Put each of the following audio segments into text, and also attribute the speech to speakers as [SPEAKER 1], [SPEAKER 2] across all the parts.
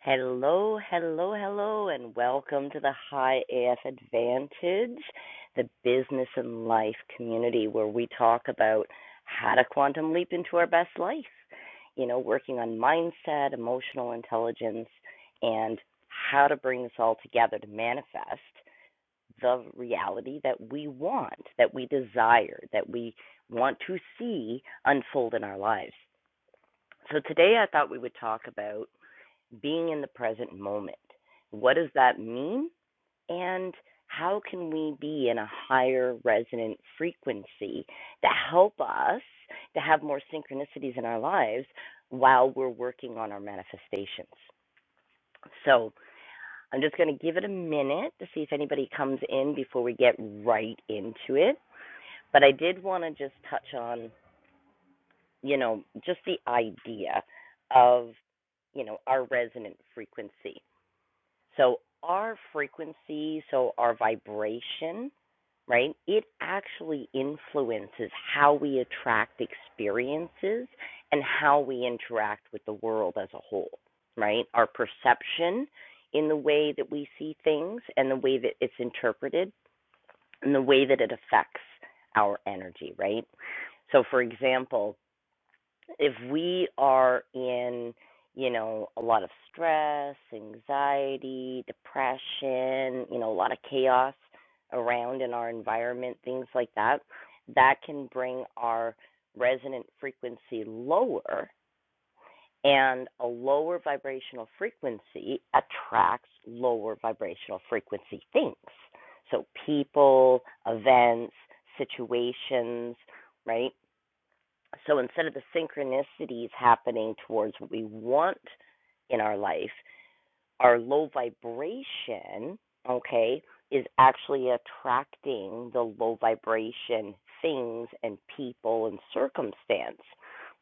[SPEAKER 1] Hello, hello, hello, and welcome to the High AF Advantage, the business and life community where we talk about how to quantum leap into our best life. You know, working on mindset, emotional intelligence, and how to bring this all together to manifest the reality that we want, that we desire, that we want to see unfold in our lives. So today I thought we would talk about being in the present moment. What does that mean? And how can we be in a higher resonant frequency to help us to have more synchronicities in our lives while we're working on our manifestations? So I'm just going to give it a minute to see if anybody comes in before we get right into it. But I did want to just touch on, you know, just the idea of, you know, our resonant frequency. So our frequency, so our vibration, right? It actually influences how we attract experiences and how we interact with the world as a whole, right? Our perception in the way that we see things and the way that it's interpreted and the way that it affects our energy, right? So for example, if we are in you know a lot of stress anxiety depression you know a lot of chaos around in our environment things like that that can bring our resonant frequency lower and a lower vibrational frequency attracts lower vibrational frequency things so people events situations right so instead of the synchronicities happening towards what we want in our life, our low vibration, okay, is actually attracting the low vibration things and people and circumstance.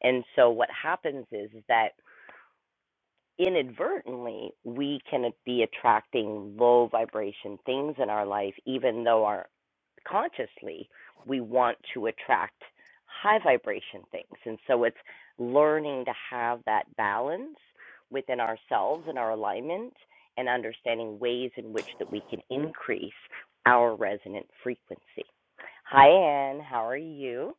[SPEAKER 1] And so what happens is, is that inadvertently we can be attracting low vibration things in our life even though our consciously we want to attract high vibration things and so it's learning to have that balance within ourselves and our alignment and understanding ways in which that we can increase our resonant frequency hi anne how are you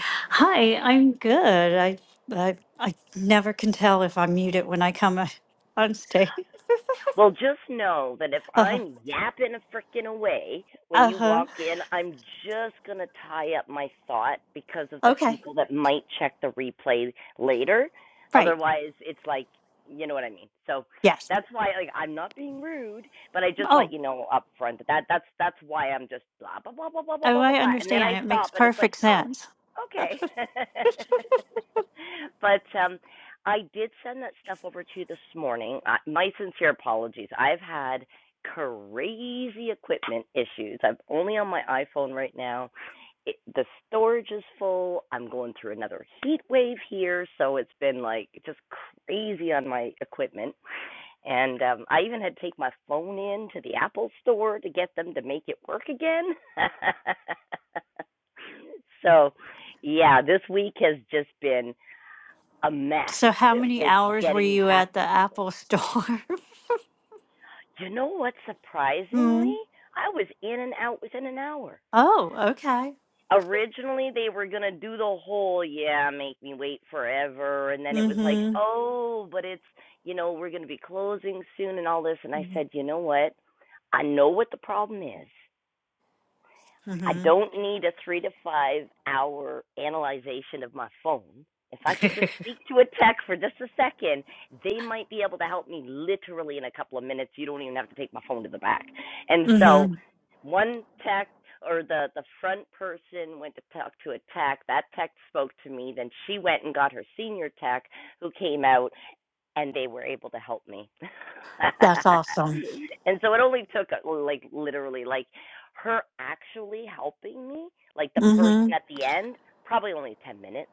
[SPEAKER 2] Hi, I'm good. I I I never can tell if I'm muted when I come uh, on stage.
[SPEAKER 1] Well, just know that if
[SPEAKER 2] Uh-huh.
[SPEAKER 1] I'm yapping a frickin' away when you
[SPEAKER 2] Uh-huh.
[SPEAKER 1] walk in, I'm just gonna tie up my thought because of the
[SPEAKER 2] Okay.
[SPEAKER 1] people that might check the replay later.
[SPEAKER 2] Right.
[SPEAKER 1] Otherwise, it's like, you know what I mean. So
[SPEAKER 2] Yes.
[SPEAKER 1] that's why, like, I'm not being rude, but I just
[SPEAKER 2] Oh,
[SPEAKER 1] let you know up front that, that's that's why I'm just blah blah blah blah blah blah
[SPEAKER 2] oh,
[SPEAKER 1] blah blah
[SPEAKER 2] I
[SPEAKER 1] blah, and then I
[SPEAKER 2] understand. It makes
[SPEAKER 1] stop and it's like,
[SPEAKER 2] perfect
[SPEAKER 1] oh,
[SPEAKER 2] sense.
[SPEAKER 1] okay. but um, I did send that stuff over to you this morning. I, my sincere apologies. I've had crazy equipment issues. I'm only on my iPhone right now. It, the storage is full. I'm going through another heat wave here, so it's been like just crazy on my equipment. And um, I even had to take my phone in to the Apple store to get them to make it work again. so, yeah, this week has just been a mess
[SPEAKER 2] So how many
[SPEAKER 1] with
[SPEAKER 2] hours were
[SPEAKER 1] getting
[SPEAKER 2] you
[SPEAKER 1] back
[SPEAKER 2] at the
[SPEAKER 1] to people.
[SPEAKER 2] Apple store?
[SPEAKER 1] You know what?
[SPEAKER 2] Hmm.
[SPEAKER 1] Surprisingly, I was in and out within an hour.
[SPEAKER 2] Oh, okay.
[SPEAKER 1] Originally, they were going to do the whole, yeah, make me wait forever. And then it was like,
[SPEAKER 2] Mm-hmm.
[SPEAKER 1] oh, but it's, you know, we're going to be closing soon and all this. And I said, you know what? I know what the problem is. I
[SPEAKER 2] Mm-hmm.
[SPEAKER 1] don't need a three to five hour analyzation of my phone. If I could just speak to a tech for just a second, they might be able to help me literally in a couple of minutes. You don't even have to take my phone to the back. And so,
[SPEAKER 2] mm-hmm.
[SPEAKER 1] one tech or the the front person went to talk to a tech. That tech spoke to me. Then she went and got her senior tech, who came out and they were able to help me.
[SPEAKER 2] That's awesome.
[SPEAKER 1] and so it only took uh, well, like literally like her actually helping me, like the person
[SPEAKER 2] Mm-hmm.
[SPEAKER 1] at the end, probably only 10 minutes.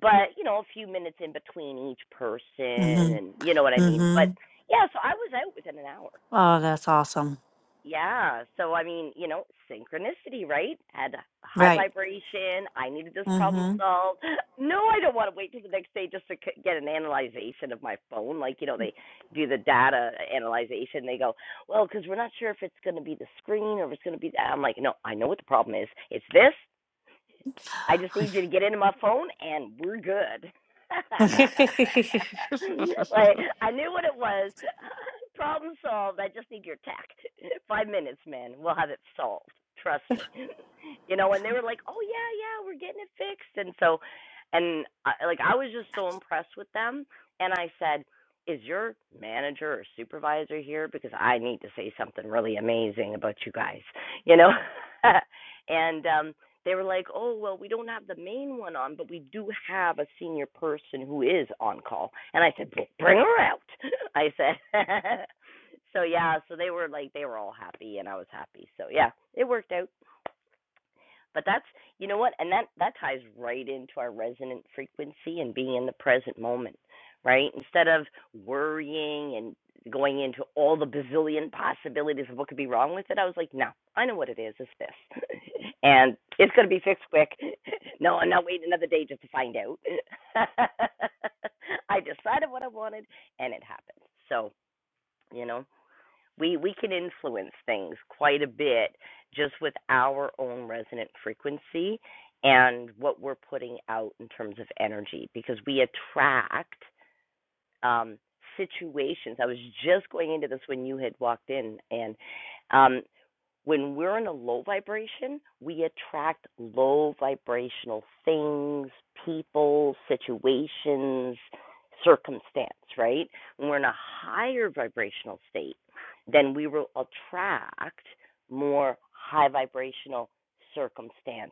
[SPEAKER 1] But, you know, a few minutes in between each person
[SPEAKER 2] Mm-hmm.
[SPEAKER 1] and you know what I mean. But
[SPEAKER 2] Mm-hmm.
[SPEAKER 1] yeah, so I was out within an hour.
[SPEAKER 2] Oh, that's awesome.
[SPEAKER 1] Yeah. So I mean, you know, synchronicity, right? Had a high
[SPEAKER 2] Right.
[SPEAKER 1] vibration. I needed this problem
[SPEAKER 2] Mm-hmm.
[SPEAKER 1] solved. No, I don't want to wait till the next day just to c- get an analyzation of my phone. Like, you know, they do the data analyzation. They go, well, because we're not sure if it's going to be the screen or if it's going to be that. I'm like, no, I know what the problem is. It's this. I just need you to get into my phone and we're good. like I knew what it was. Problem solved. I just need your tact. Five minutes, man. We'll have it solved. Trust me you know, and they were like, "Oh yeah, yeah, we're getting it fixed." And so, and I, like I was just so impressed with them, and I said, "Is your manager or supervisor here? Because I need to say something really amazing about you guys," you know. and um, they were like, "Oh well, we don't have the main one on, but we do have a senior person who is on call." And I said, "Well, "Bring her out," I said. so yeah, so they were like, they were all happy, and I was happy. So yeah, it worked out. But that's you know what, and that that ties right into our resonant frequency and being in the present moment, right? Instead of worrying and going into all the bazillion possibilities of what could be wrong with it, I was like, no, I know what it is. It's this, and it's going to be fixed quick. No, I'm not waiting another day just to find out. I decided what I wanted, and it happened. So you know. We we can influence things quite a bit just with our own resonant frequency and what we're putting out in terms of energy because we attract um situations. I was just going into this when you had walked in and um when we're in a low vibration, we attract low vibrational things, people, situations, circumstance, right? When we're in a higher vibrational state, then we will attract more high vibrational circumstance,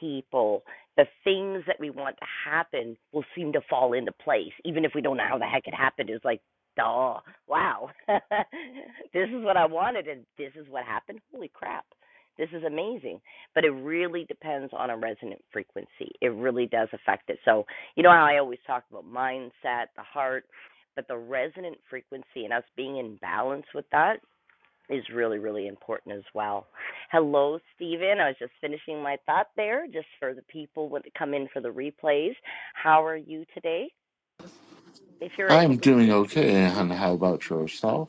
[SPEAKER 1] people. The things that we want to happen will seem to fall into place, even if we don't know how the heck it happened. It's like Duh. Wow. this is what I wanted, and this is what happened. Holy crap. This is amazing. But it really depends on a resonant frequency. It really does affect it. So, you know how I always talk about mindset, the heart, but the resonant frequency and us being in balance with that is really, really important as well. Hello, Stephen. I was just finishing my thought there, just for the people when to come in for the replays. How are you today? If you're able
[SPEAKER 3] I'm
[SPEAKER 1] to
[SPEAKER 3] doing
[SPEAKER 1] speak.
[SPEAKER 3] okay, and how about yourself?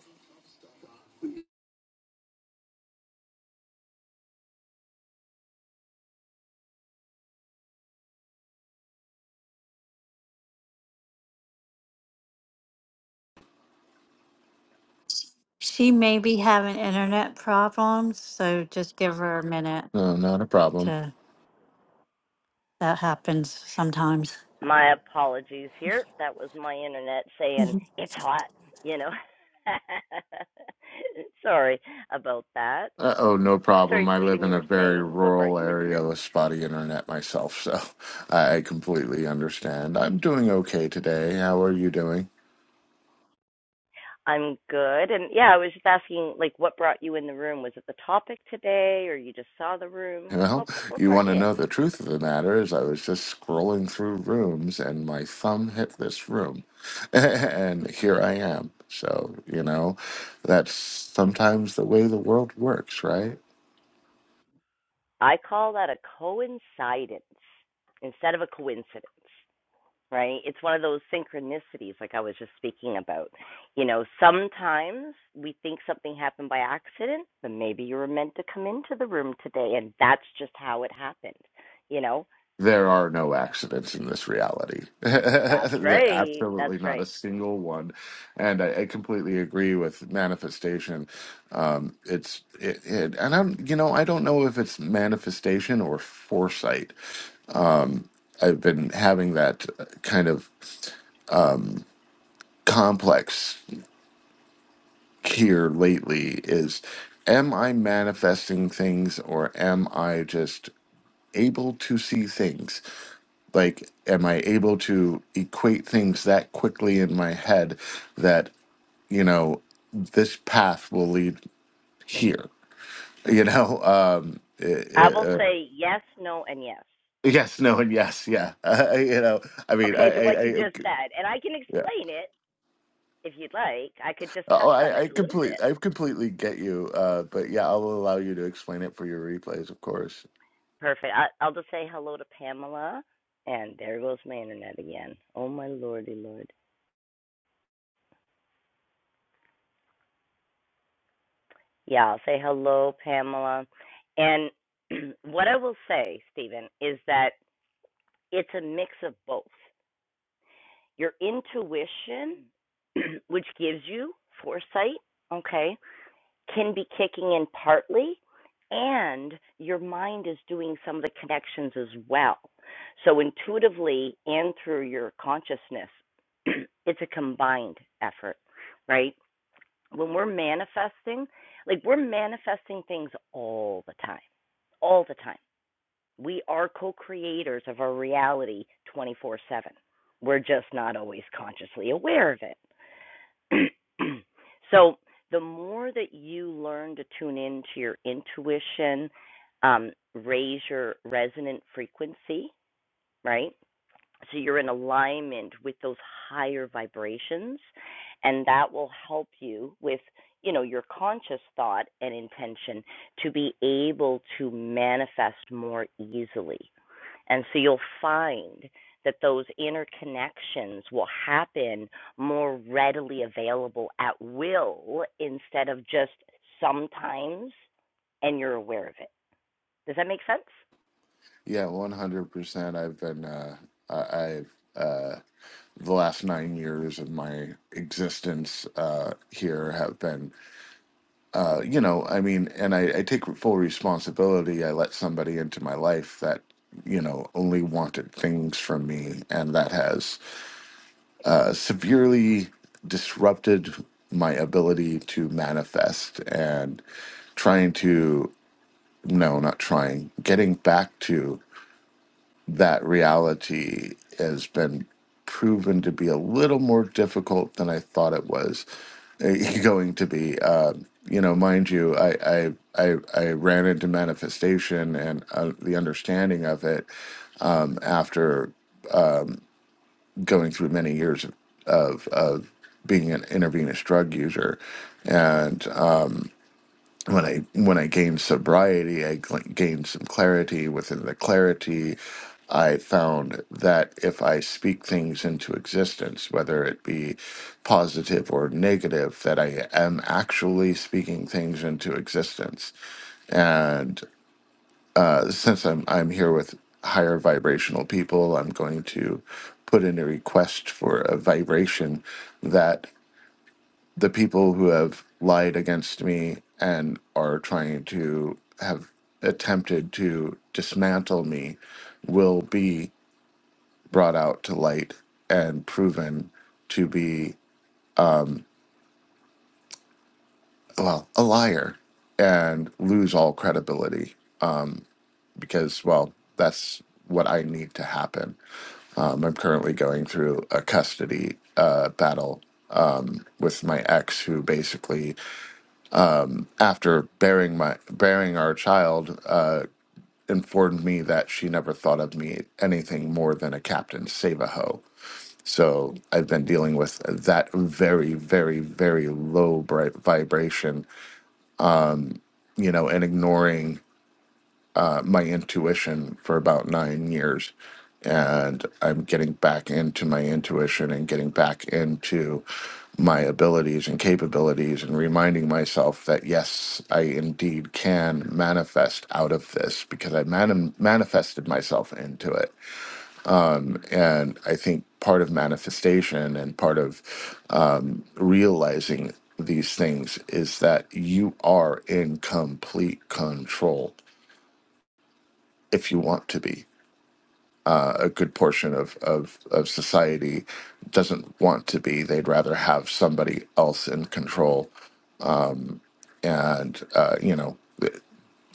[SPEAKER 2] She may be having internet problems, so just give her a minute
[SPEAKER 3] No, not a problem.
[SPEAKER 2] to that happens sometimes.
[SPEAKER 1] My apologies here. That was my internet saying it's hot, you know. Sorry about that.
[SPEAKER 3] Uh oh, no problem.
[SPEAKER 1] Sorry,
[SPEAKER 3] I live
[SPEAKER 1] Stephen,
[SPEAKER 3] in
[SPEAKER 1] you
[SPEAKER 3] a
[SPEAKER 1] were
[SPEAKER 3] very
[SPEAKER 1] saying what brought
[SPEAKER 3] rural
[SPEAKER 1] you in the
[SPEAKER 3] area
[SPEAKER 1] room?
[SPEAKER 3] with spotty internet myself, so I completely understand. I'm doing okay today. How are you doing?
[SPEAKER 1] I'm good. And yeah, I was just asking like what brought you in the room? Was it the topic today or you just saw the room?
[SPEAKER 3] Well,
[SPEAKER 1] What br- what
[SPEAKER 3] you
[SPEAKER 1] brought
[SPEAKER 3] want to
[SPEAKER 1] you in?
[SPEAKER 3] know the truth of the matter is I was just scrolling through rooms and my thumb hit this room. and here I am. So, you know, that's sometimes the way the world works, right?
[SPEAKER 1] I call that a coincidence instead of a coincidence. right? It's one of those synchronicities, like I was just speaking about. You know, sometimes we think something happened by accident, but maybe you were meant to come into the room today, and that's just how it happened. You know,
[SPEAKER 3] There are no accidents in this reality.
[SPEAKER 1] that's
[SPEAKER 3] There-
[SPEAKER 1] right. That's
[SPEAKER 3] Absolutely not a
[SPEAKER 1] right.
[SPEAKER 3] single one. And I, I completely agree with manifestation. Um, it's it, it, and I'm you know I don't know if it's manifestation or foresight. I've been having that uh, kind of complex here lately. Is am I manifesting things or am I just able to see things? like am i able to equate things that quickly in my head that you know this path will lead here you know um
[SPEAKER 1] I
[SPEAKER 3] it,
[SPEAKER 1] will
[SPEAKER 3] uh,
[SPEAKER 1] say yes, no, and yes.
[SPEAKER 3] yes no and yes yeah you know i mean i
[SPEAKER 1] Okay, to
[SPEAKER 3] i,
[SPEAKER 1] what
[SPEAKER 3] I
[SPEAKER 1] you
[SPEAKER 3] I
[SPEAKER 1] just
[SPEAKER 3] c-
[SPEAKER 1] said, and I can
[SPEAKER 3] yeah
[SPEAKER 1] explain it if you'd like. I could just
[SPEAKER 3] oh
[SPEAKER 1] touch on
[SPEAKER 3] i i
[SPEAKER 1] it a little bit.
[SPEAKER 3] complete i completely get you uh but yeah i'll allow you to explain it for your replays of course
[SPEAKER 1] Perfect. I, I'll just say hello to Pamela, and there goes my internet again. Oh my lordy, lord. Yeah, I'll say hello, Pamela. And what I will say, Stephen, is that it's a mix of both. Your intuition, which gives you foresight, okay, can be kicking in partly, and your mind is doing some of the connections as well. So, intuitively and through your consciousness, it's a combined effort, right? When we're manifesting, like we're manifesting things all the time, all the time. We are co creators of our reality 24 7. We're just not always consciously aware of it. so, the more that you learn to tune into your intuition, um, raise your resonant frequency, right? so you're in alignment with those higher vibrations and that will help you with you know your conscious thought and intention to be able to manifest more easily and so you'll find that those interconnections will happen more readily available at will instead of just sometimes and you're aware of it does that make sense
[SPEAKER 3] yeah 100% i've been uh I, i've uh the last nine years of my existence uh, here have been Uh, you know, I mean, and I, I take full responsibility. I let somebody into my life that, you know, only wanted things from me, and that has uh, severely disrupted my ability to manifest and trying to, no, not trying, getting back to that reality has been proven to be a little more difficult than I thought it was eh, going to be. Uh, you know, mind you, I I I, I ran into manifestation and uh, the understanding of it um, after going through many years of of, of being an intravenous drug user, when I when I gained sobriety, I gl- gained some clarity. Within the clarity, I found that if I speak things into existence, whether it be positive or negative, that I am actually speaking things into existence. And uh, since I'm I'm here with higher vibrational people, I'm going to put in a request for a vibration that the people who have lied against me and are trying to have attempted to dismantle me will be brought out to light and proven to be well a liar and lose all credibility because well that's what i need to happen um, i'm currently going through a custody uh, battle with my ex who basically after bearing my bearing our child uh, informed me that she never thought of me anything more than a Captain save a hoe. So I've been dealing with that very, very, very low bright vibration, you know, and ignoring uh, my intuition for about nine years. And I'm getting back into my intuition and getting back into my abilities and capabilities and reminding myself that yes, I indeed can manifest out of this because I man- manifested myself into it And I think part of manifestation and part of realizing these things is that you are in complete control if you want to be. A good portion of, of, of society doesn't want to be. They'd rather have somebody else in control. And, uh, you know,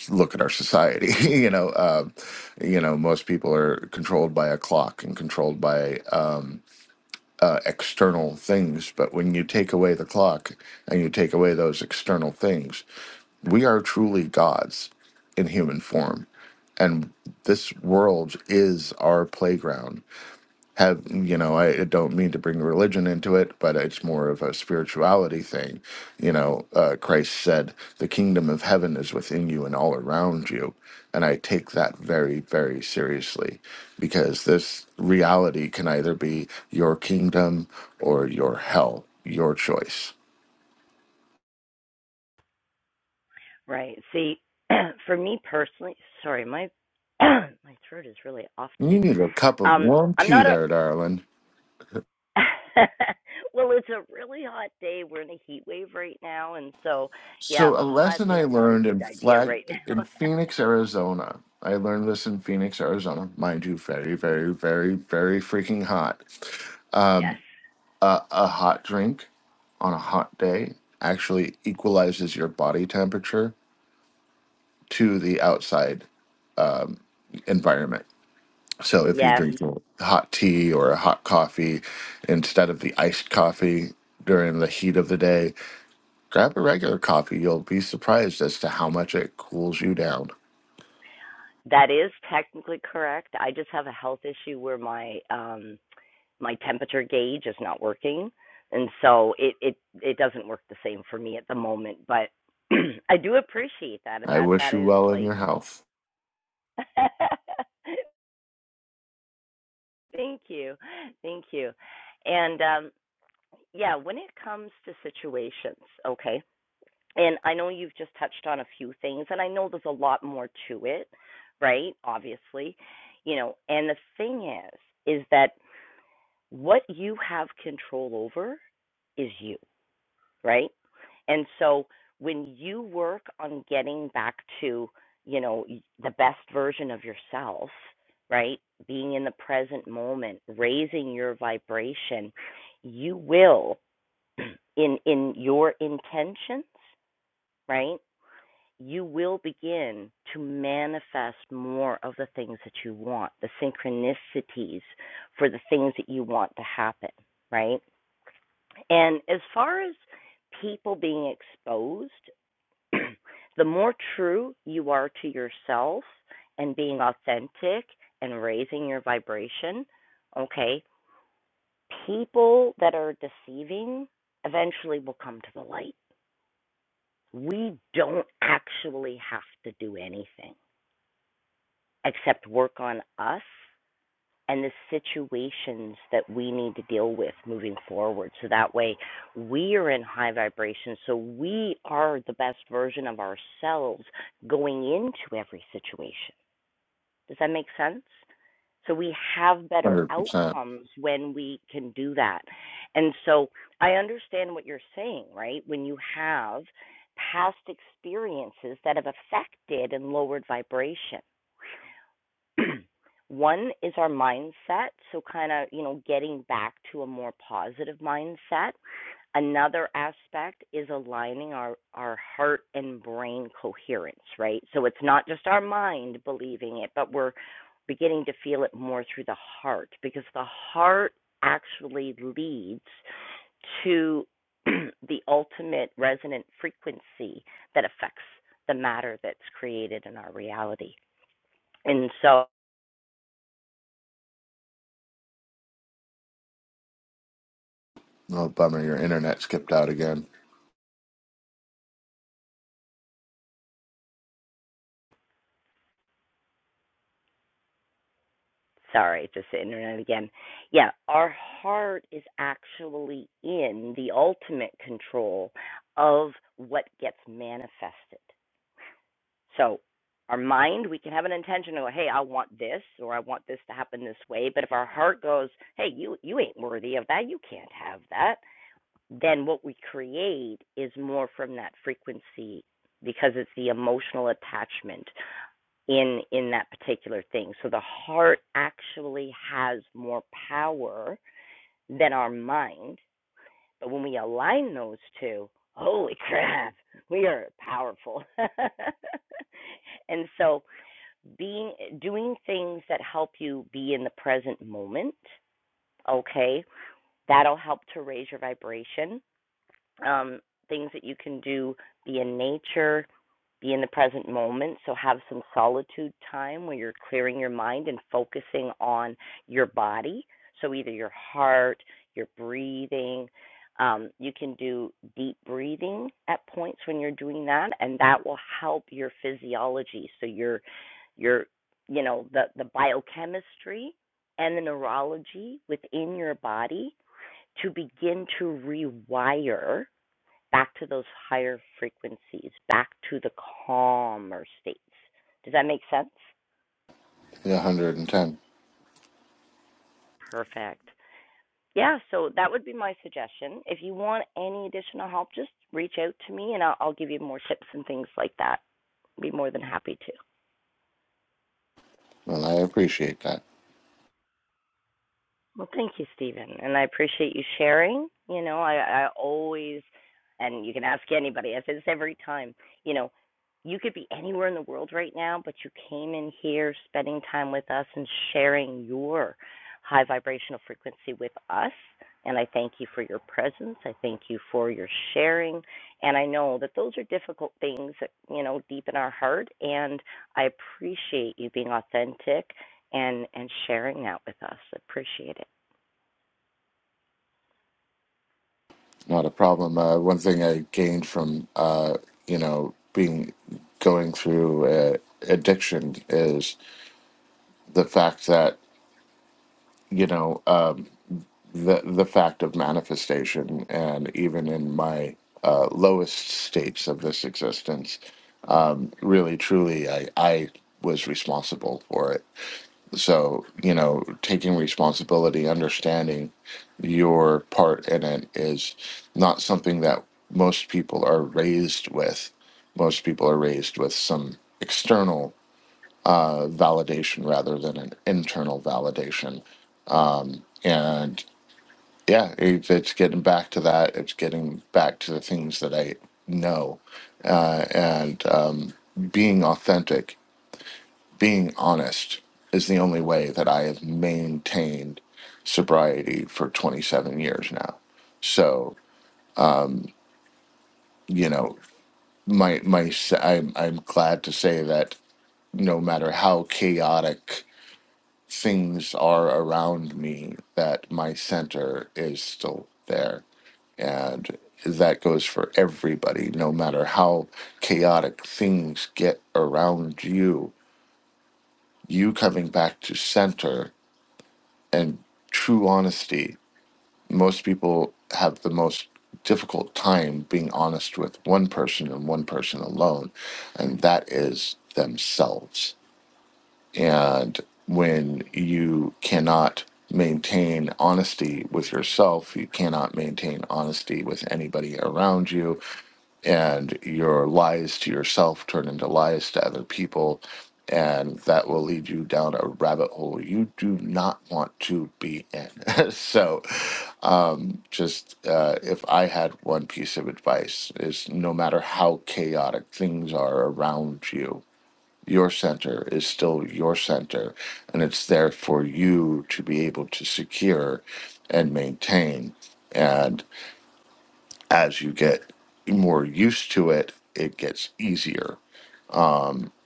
[SPEAKER 3] look at our society. you know, um, you know, most people are controlled by a clock and controlled by external things. But when you take away the clock and you take away those external things, we are truly gods in human form. And this world is our playground have you know I don't mean to bring religion into it, but it's more of a spirituality thing. You know, uh, Christ said, "The kingdom of heaven is within you and all around you," and I take that very very seriously because this reality can either be your kingdom or your hell, your choice.
[SPEAKER 1] Right. See, for me personally, sorry, my my throat is really off
[SPEAKER 3] You
[SPEAKER 1] today.
[SPEAKER 3] need a cup of
[SPEAKER 1] Um,
[SPEAKER 3] warm
[SPEAKER 1] I'm
[SPEAKER 3] tea
[SPEAKER 1] not a
[SPEAKER 3] there, darling.
[SPEAKER 1] well, it's a really hot day. We're in a heat wave right now, and so yeah,
[SPEAKER 3] So a
[SPEAKER 1] the hot
[SPEAKER 3] lesson I
[SPEAKER 1] is not a
[SPEAKER 3] learned
[SPEAKER 1] good
[SPEAKER 3] in
[SPEAKER 1] idea
[SPEAKER 3] flag
[SPEAKER 1] right now.
[SPEAKER 3] in Phoenix, Arizona. I learned this in Phoenix, Arizona. Mind you, very, very, very, very freaking hot.
[SPEAKER 1] yes,
[SPEAKER 3] Uh, a hot drink on a hot day actually equalizes your body temperature to the outside environment. So if you
[SPEAKER 1] yes,
[SPEAKER 3] drink hot tea or a hot coffee instead of the iced coffee during the heat of the day, grab a regular coffee. You'll be surprised as to how much it cools you down.
[SPEAKER 1] that is technically correct. I just have a health issue where my um my temperature gauge is not working and so it it it doesn't work the same for me at the moment but i do appreciate that and
[SPEAKER 3] I
[SPEAKER 1] that
[SPEAKER 3] wish
[SPEAKER 1] that
[SPEAKER 3] you
[SPEAKER 1] is
[SPEAKER 3] well in
[SPEAKER 1] like
[SPEAKER 3] your health.
[SPEAKER 1] thank you thank you and um yeah when it comes to situations okay and i know you've just touched on a few things and i know there's a lot more to it right obviously you know and the thing is is that what you have control over is you right? And so when you work on getting back to, you know, the best version of yourself, right? Being in the present moment, raising your vibration, you will in in your intentions, right? You will begin to manifest more of the things that you want, the synchronicities for the things that you want to happen, right? And as far as people being exposed, the more true you are to yourself and being authentic and raising your vibration, okay, people that are deceiving eventually will come to the light. We don't actually have to do anything except work on us and the situations that we need to deal with moving forward. So that way we are in high vibration. So we are the best version of ourselves going into every situation. Does that make sense? So we have better
[SPEAKER 3] 100%.
[SPEAKER 1] outcomes when we can do that. And so I understand what you're saying, right? When you have past experiences that have affected and lowered vibration One is our mindset, so kind of, you know, getting back to a more positive mindset. Another aspect is aligning our, our heart and brain coherence, right? So it's not just our mind believing it, but we're beginning to feel it more through the heart because the heart actually leads to the ultimate resonant frequency that affects the matter that's created in our reality. And so
[SPEAKER 3] Oh, bummer. Your internet skipped out again.
[SPEAKER 1] Sorry, just the internet again. Yeah, our heart is actually in the ultimate control of what gets manifested. So, our mind, we can have an intention of, hey, I want this, or I want this to happen this way. But if our heart goes, hey, you, you ain't worthy of that, you can't have that, then what we create is more from that frequency because it's the emotional attachment in in that particular thing. So the heart actually has more power than our mind. But when we align those two, holy crap, we are powerful. and so being doing things that help you be in the present moment, okay? That'll help to raise your vibration. Um things that you can do be in nature be in the present moment. So have some solitude time where you're clearing your mind and focusing on your body. So either your heart, your breathing. Um, you can do deep breathing at points when you're doing that, and that will help your physiology. So your your you know the the biochemistry and the neurology within your body to begin to rewire back to those higher frequencies, back to the calmer states. Does that make sense?
[SPEAKER 3] Yeah, 110.
[SPEAKER 1] Perfect. Yeah, so that would be my suggestion. If you want any additional help, just reach out to me and I'll, I'll give you more tips and things like that. Be more than happy to.
[SPEAKER 3] Well, I appreciate that.
[SPEAKER 1] Well, thank you, Stephen, and I appreciate you sharing. You know, I, I always, and you can ask anybody. I say this every time. You know, you could be anywhere in the world right now, but you came in here, spending time with us, and sharing your high vibrational frequency with us. And I thank you for your presence. I thank you for your sharing. And I know that those are difficult things, you know, deep in our heart. And I appreciate you being authentic and and sharing that with us. Appreciate it.
[SPEAKER 3] Not a problem. Uh, one thing I gained from, uh, you know, being going through uh, addiction is the fact that, you know, um, the, the fact of manifestation. And even in my uh, lowest states of this existence, really, truly, I, I was responsible for it So, you know, taking responsibility, understanding your part in it is not something that most people are raised with. Most people are raised with some external uh, validation rather than an internal validation. And yeah, it, it's getting back to that. It's getting back to the things that I know uh, and um, being authentic being honest is the only way that I have maintained sobriety for 27 years now. So, you know, my my i am I'm I'm glad to say that no matter how chaotic things are around me that my center is still there and that goes for everybody no matter how chaotic things get around you you coming back to center and true honesty most people have the most difficult time being honest with one person and one person alone, and that is themselves. And when you cannot maintain honesty with yourself, you cannot maintain honesty with anybody around you, and your lies to yourself turn into lies to other people. And that will lead you down a rabbit hole you do not want to be in. so, just uh, if I had one piece of advice is no matter how chaotic things are around you, your center is still your center, and it's there for you to be able to secure and maintain. And as you get more used to it, it gets easier.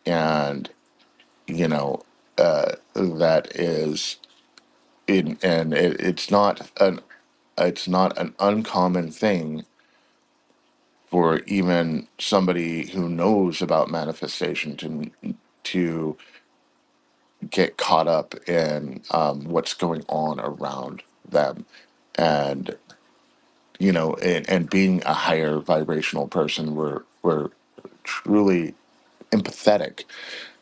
[SPEAKER 3] And you know uh, that is in, and it, it's not an it's not an uncommon thing for even somebody who knows about manifestation to to get caught up in um, what's going on around them, and you know, and, and being a higher vibrational person, we're we're truly empathetic.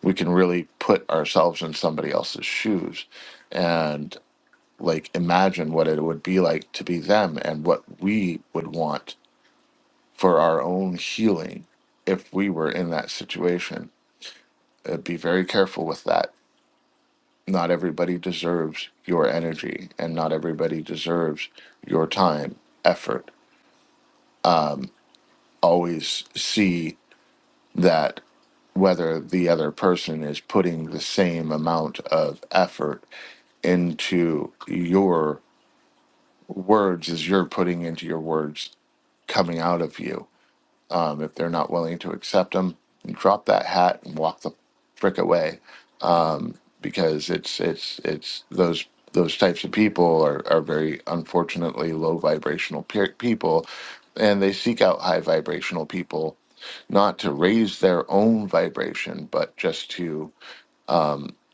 [SPEAKER 3] We can really put ourselves in somebody else's shoes, and like imagine what it would be like to be them and what we would want for our own healing if we were in that situation. Uh, be very careful with that. Not everybody deserves your energy, and not everybody deserves your time, effort. Always see that whether the other person is putting the same amount of effort into your words as you're putting into your words coming out of you. Um, if they're not willing to accept them, drop that hat and walk the frick away because it's it's it's those those types of people are are very unfortunately low vibrational pe- people and they seek out high vibrational people not to raise their own vibration but just to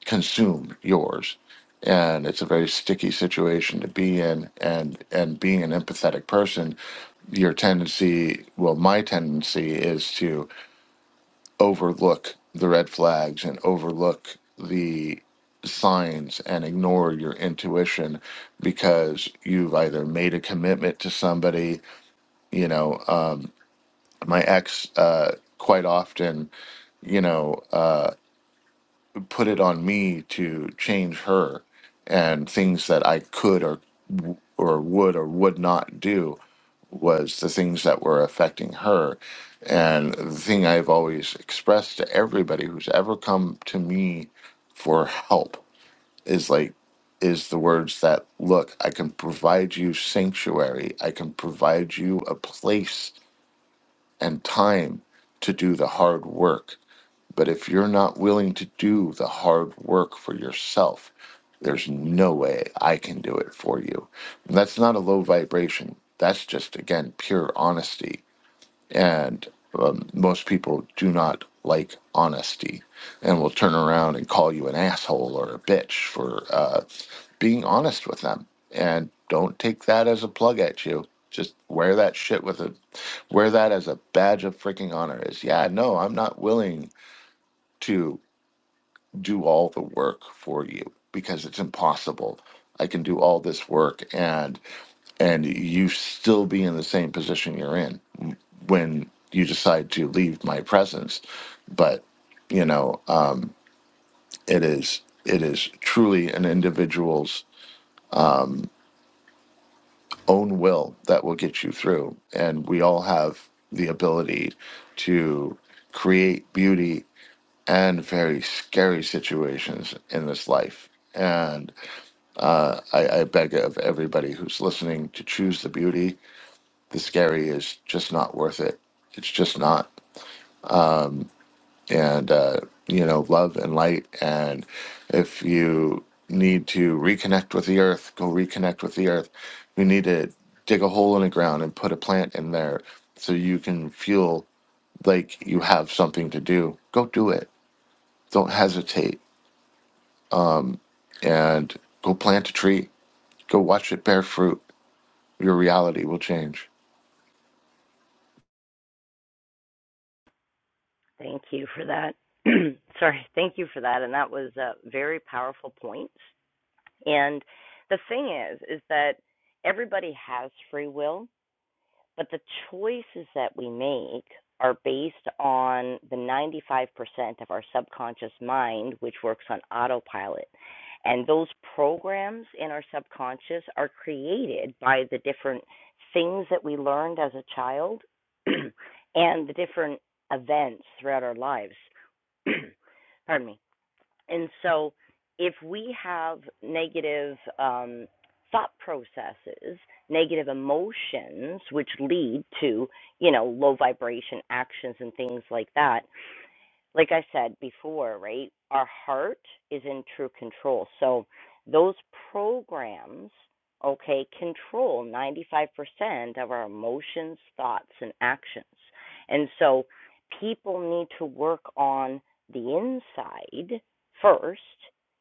[SPEAKER 3] consume yours and it's a very sticky situation to be in and and being an empathetic person your tendency well my tendency is to overlook the red flags and overlook the signs and ignore your intuition because you've either made a commitment to somebody you know uh, my ex uh, quite often you know uh, put it on me to change her and things that i could or or would or would not do was the things that were affecting her. And the thing I've always expressed to everybody who's ever come to me for help is like, is the words that, look, I can provide you sanctuary, I can provide you a place and time to do the hard work. But if you're not willing to do the hard work for yourself, there's no way I can do it for you. And that's not a low vibration. That's just, again, pure honesty and um, most people do not like honesty and will turn around and call you an asshole or a bitch for uh, being honest with them and don't take that as a plug at you just wear that shit with a wear that as a badge of freaking honor is yeah no i'm not willing to do all the work for you because it's impossible i can do all this work and and you still be in the same position you're in when you decide to leave my presence. But you know, uh, it is it is truly an individual's own will that will get you through, and we all have the ability to create beauty and very scary situations in this life. And uh, I, I beg of everybody who's listening to choose the beauty. The scary is just not worth it. It's just not. and uh, you know love and light and if you need to reconnect with the earth go reconnect with the earth you need to dig a hole in the ground and put a plant in there so you can feel like you have something to do go do it don't hesitate and go plant a tree go watch it bear fruit your reality will change
[SPEAKER 1] Thank you for that. Sorry, thank you for that. And that was a very powerful point. And the thing is, is that everybody has free will, but the choices that we make are based on the 95% of our subconscious mind, which works on autopilot. And those programs in our subconscious are created by the different things that we learned as a child and the different events throughout our lives. pardon me. And so if we have negative um, thought processes, negative emotions, which lead to, you know, low vibration actions and things like that, like I said before, right? Our heart is in true control. So those programs, okay, control 95% of our emotions, thoughts, and actions. And so people need to work on the inside first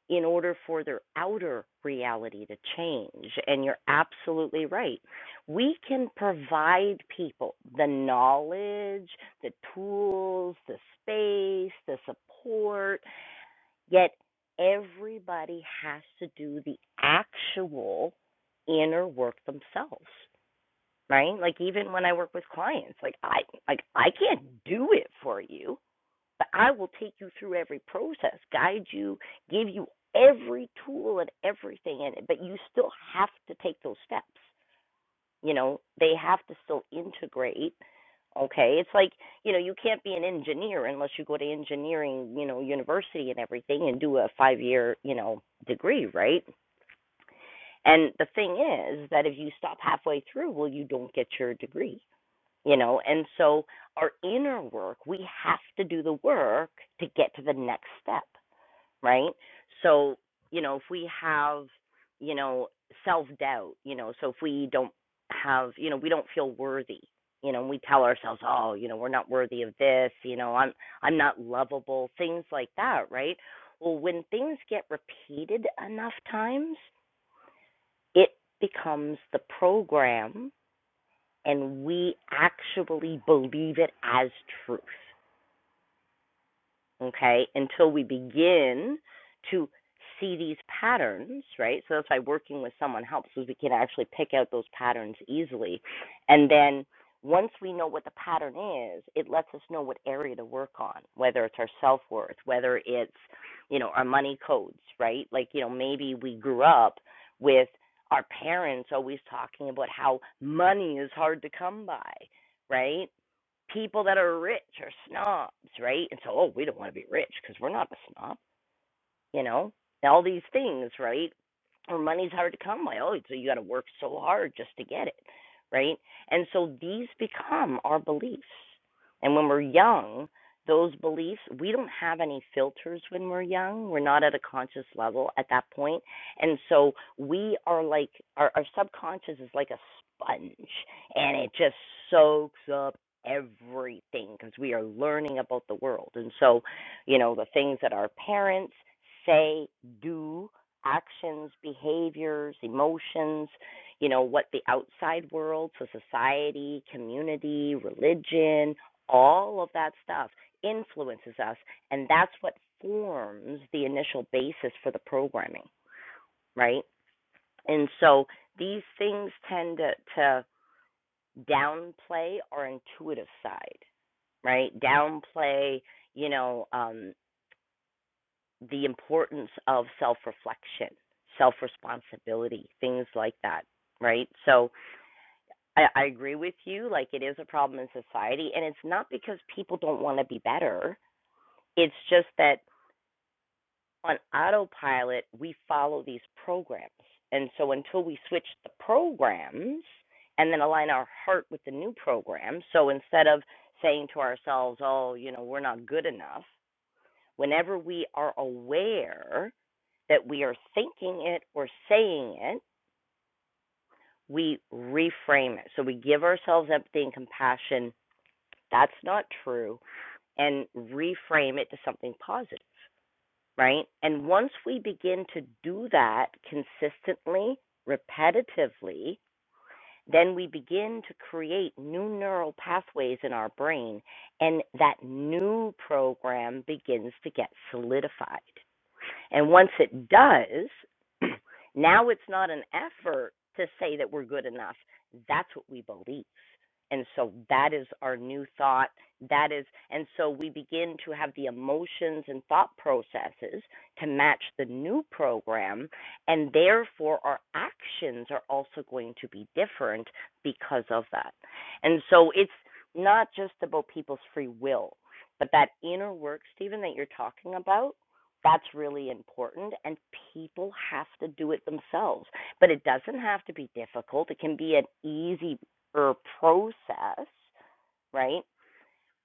[SPEAKER 1] in order for their outer reality to change. And you're absolutely right. We can provide people the knowledge, the tools, the space, the support, yet everybody has to do the actual inner work themselves, right? Like even when I work with clients, like I like I can't do it for you, but I will take you through every process, guide you, give you every tool and everything in it, but you still have to take those steps you know they have to still integrate okay it's like you know you can't be an engineer unless you go to engineering you know university and everything and do a five year you know degree right and the thing is that if you stop halfway through well you don't get your degree you know and so our inner work we have to do the work to get to the next step right? So, you know, if we have, you know, self doubt, you know, so if we don't have, you know, we don't feel worthy, you know, and we tell ourselves, oh, you know, we're not worthy of this, you know, I'm I'm not lovable, things like that, right? Well, when things get repeated enough times, it becomes the program and we actually believe it as truth okay, until we begin to see these patterns, right? So that's why working with someone helps, because we can actually pick out those patterns easily. And then once we know what the pattern is, it lets us know what area to work on, whether it's our self worth, whether it's, you know, our money codes, right? Like, you know, maybe we grew up with our parents always talking about how money is hard to come by, right? people that are rich are snobs, right? And so, oh, we don't want to be rich because we're not a snob you know, all these things, right? Or money's hard to come by. Oh, so you got to work so hard just to get it, right? And so these become our beliefs. And when we're young, those beliefs, we don't have any filters when we're young. We're not at a conscious level at that point. And so we are like, our, our subconscious is like a sponge and it just soaks up everything because we are learning about the world. And so you know, the things that our parents say, do, actions, behaviors, emotions, you know, what the outside world, so society, community, religion, all of that stuff influences us. And that's what forms the initial basis for the programming, right? And so these things tend to, to downplay our intuitive side, right? Downplay, you know, um, the importance of self reflection, self responsibility, things like that, right? So I, I agree with you. Like it is a problem in society, and it's not because people don't want to be better. It's just that on autopilot, we follow these programs. And so until we switch the programs and then align our heart with the new program, so instead of saying to ourselves, oh, you know, we're not good enough, whenever we are aware that we are thinking it or saying it, we reframe it. So we give ourselves empathy and compassion. That's not true. And reframe it to something positive, right? And once we begin to do that consistently, repetitively, then we begin to create new neural pathways in our brain, and that new program begins to get solidified. And once it does, now it's not an effort to say that we're good enough. That's what we believe. And so that is our new thought. That is, and so we begin to have the emotions and thought processes to match the new program. And therefore, our actions are also going to be different because of that. And so it's not just about people's free will, but that inner work, Stephen, that you're talking about that's really important, and people have to do it themselves. But it doesn't have to be difficult. It can be an easier process, right?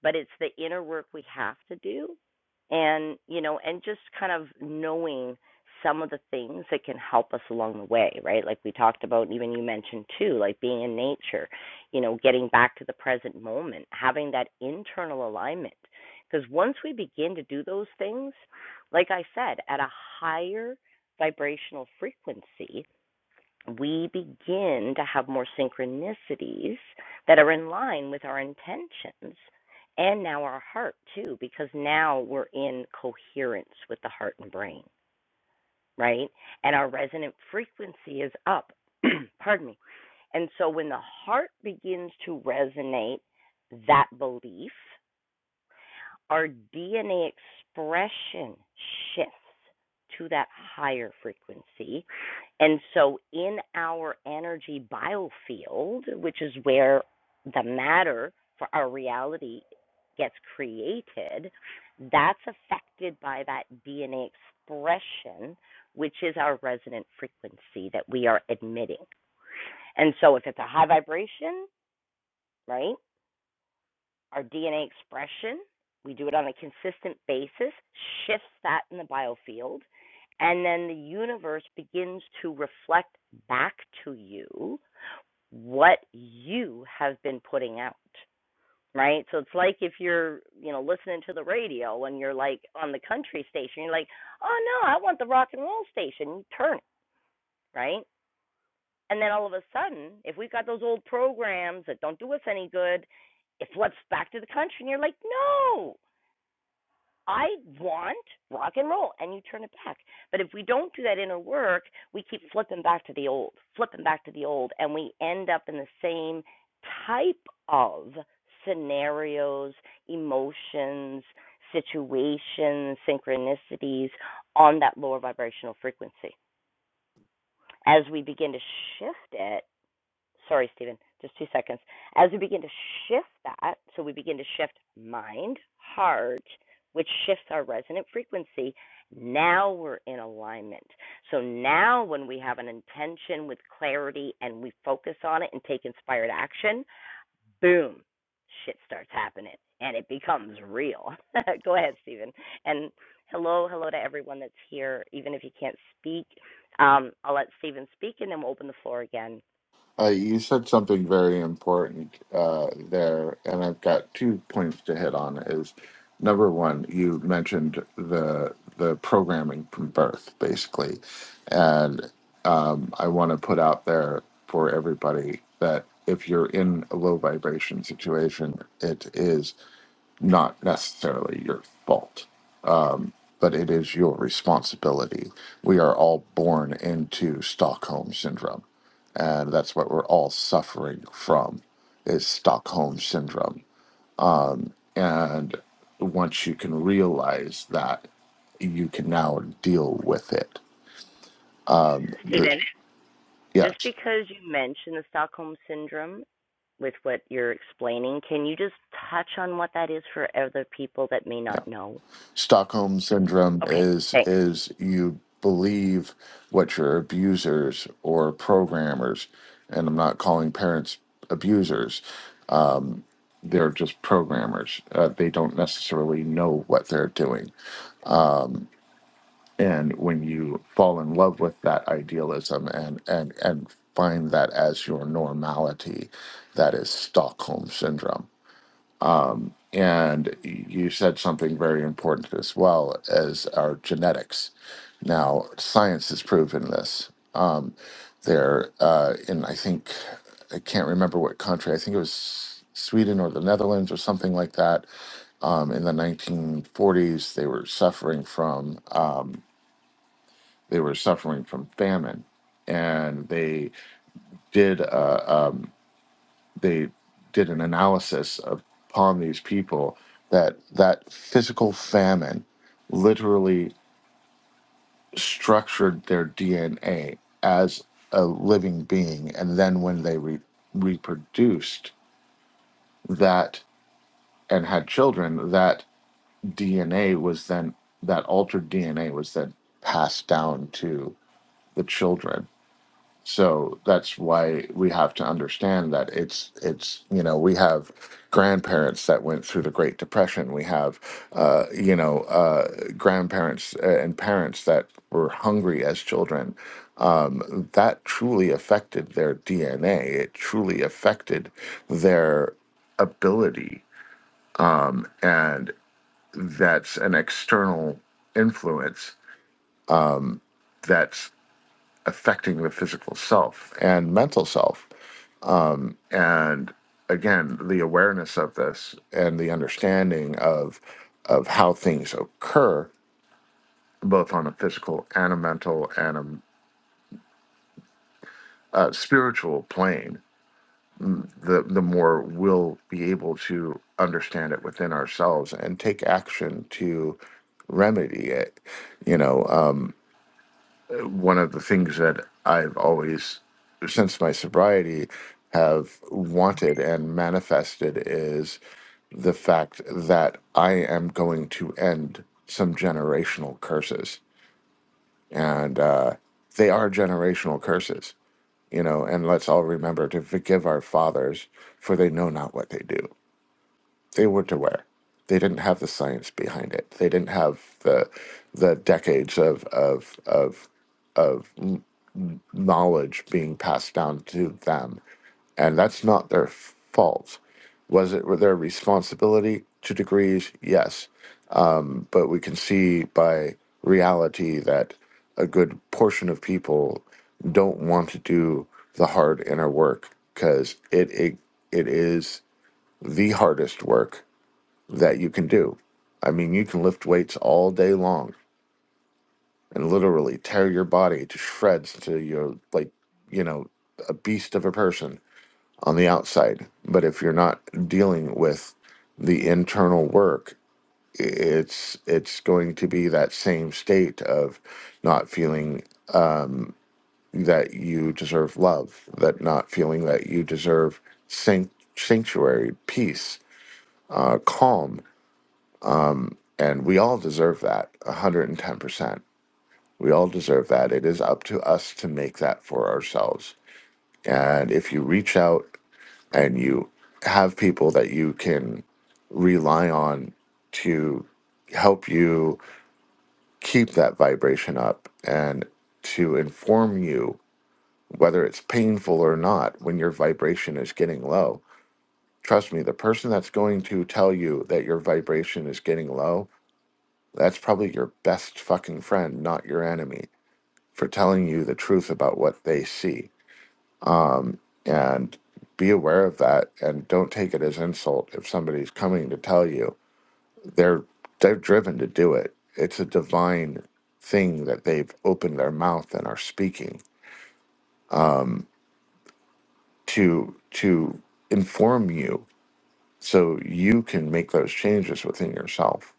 [SPEAKER 1] but it's the inner work we have to do and you know and just kind of knowing some of the things that can help us along the way right like we talked about even you mentioned too like being in nature you know getting back to the present moment having that internal alignment because once we begin to do those things like i said at a higher vibrational frequency we begin to have more synchronicities that are in line with our intentions and now our heart too because now we're in coherence with the heart and brain right and our resonant frequency is up pardon me and so when the heart begins to resonate that belief our DNA expression shifts to that higher frequency. And so, in our energy biofield, which is where the matter for our reality gets created, that's affected by that DNA expression, which is our resonant frequency that we are emitting. And so, if it's a high vibration, right? our DNA expression. We do it on a consistent basis, shifts that in the biofield, and then the universe begins to reflect back to you what you have been putting out, right? So it's like if you're, you know, listening to the radio and you're like on the country station, you're like, oh no, I want the rock and roll station. You turn it, right? And then all of a sudden, if we've got those old programs that don't do us any good, it floods back to the country. And you're like, no, I want rock and roll. And you turn it back. But if we don't do that inner work, we keep flipping back to the old, flipping back to the old. And we end up in the same type of scenarios, emotions, situations, synchronicities on that lower vibrational frequency. As we begin to shift it, sorry, Stephen, just two seconds. As we begin to shift that, so we begin to shift mind, heart, which shifts our resonant frequency, now we're in alignment. So now when we have an intention with clarity and we focus on it and take inspired action, boom, shit starts happening and it becomes real. Go ahead, Stephen. And hello, hello to everyone that's here, even if you can't speak. Um, I'll let Stephen speak and then we'll open the floor again.
[SPEAKER 3] Uh, you said something very important uh, there, and I've got two points to hit on. Is number one, you mentioned the the programming from birth, basically, and um, I want to put out there for everybody that if you're in a low vibration situation, it is not necessarily your fault but it is your responsibility. We are all born into Stockholm syndrome, and that's what we're all suffering from is Stockholm syndrome. And once you can realize that, you can now deal with it. The-
[SPEAKER 1] Stephen. Just
[SPEAKER 3] yes,
[SPEAKER 1] because you mentioned the Stockholm syndrome with what you're explaining, can you just touch on what that is for other people that may
[SPEAKER 3] yeah.
[SPEAKER 1] not know?
[SPEAKER 3] Stockholm syndrome
[SPEAKER 1] Okay,
[SPEAKER 3] is
[SPEAKER 1] thanks.
[SPEAKER 3] is you believe what your abusers or programmers, and I'm not calling parents abusers, they're just programmers. Uh, they don't necessarily know what they're doing. And when you fall in love with that idealism and and and find that as your normality, that is Stockholm syndrome. And you said something very important as well as our genetics. Now, science has proven this. Um, there, uh, in I think I can't remember what country. I think it was Sweden or the Netherlands or something like that um, in the 1940s they were suffering from uh, they were suffering from famine and they did uh, um, they did an analysis upon these people that that physical famine literally structured their DNA as a living being and then when they re- reproduced that and had children that. DNA was then that altered DNA was then passed down to the children. So that's why we have to understand that it's it's you know we have grandparents that went through the Great Depression. We have uh, you know uh, grandparents uh, and parents that were hungry as children. Um, that truly affected their DNA. It truly affected their ability and that's an external influence that's affecting the physical self and mental self. Um, and again, the awareness of this and the understanding of of how things occur, both on a physical and a mental and a, uh spiritual plane, mm, the the more we'll be able to understand it within ourselves and take action to remedy it. You know, um, one of the things that I've always, since my sobriety, have wanted and manifested is the fact that I am going to end some generational curses. And uh, they are generational curses, you know, and let's all remember to forgive our fathers, for they know not what they do. They were to wear. They didn't have the science behind it. They didn't have the the decades of of of of knowledge being passed down to them. And that's not their fault. Was it their responsibility to degrees? Yes. But we can see by reality that a good portion of people don't want to do the hard inner work because it, it it is the hardest work that you can do. I mean, you can lift weights all day long, and literally tear your body to shreds to your like you know a beast of a person on the outside but if you're not dealing with the internal work i- it's it's going to be that same state of not feeling that you deserve love that not feeling that you deserve sanct- sanctuary peace uh, calm and we all deserve that 110% we all deserve that it is up to us to make that for ourselves And if you reach out and you have people that you can rely on to help you keep that vibration up and to inform you whether it's painful or not when your vibration is getting low, trust me, the person that's going to tell you that your vibration is getting low, that's probably your best fucking friend, not your enemy, for telling you the truth about what they see and be aware of that and don't take it as insult if somebody's coming to tell you they're they're driven to do it it's a divine thing that they've opened their mouth and are speaking to to inform you so you can make those changes within yourself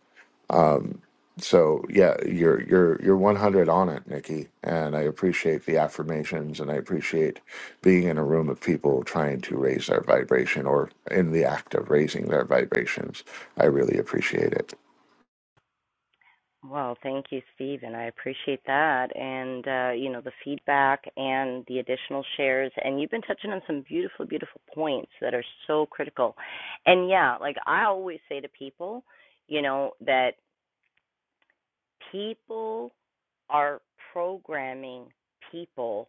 [SPEAKER 3] so yeah you're you're you're 100 on it nikki and i appreciate the affirmations and i appreciate being in a room of people trying to raise their vibration or in the act of raising their vibrations i really appreciate it
[SPEAKER 1] Well, thank you, Stephen. I appreciate that, and uh, you know the feedback and the additional shares. And you've been touching on some beautiful, beautiful points that are so critical. And yeah, like I always say to people, you know that people are programming people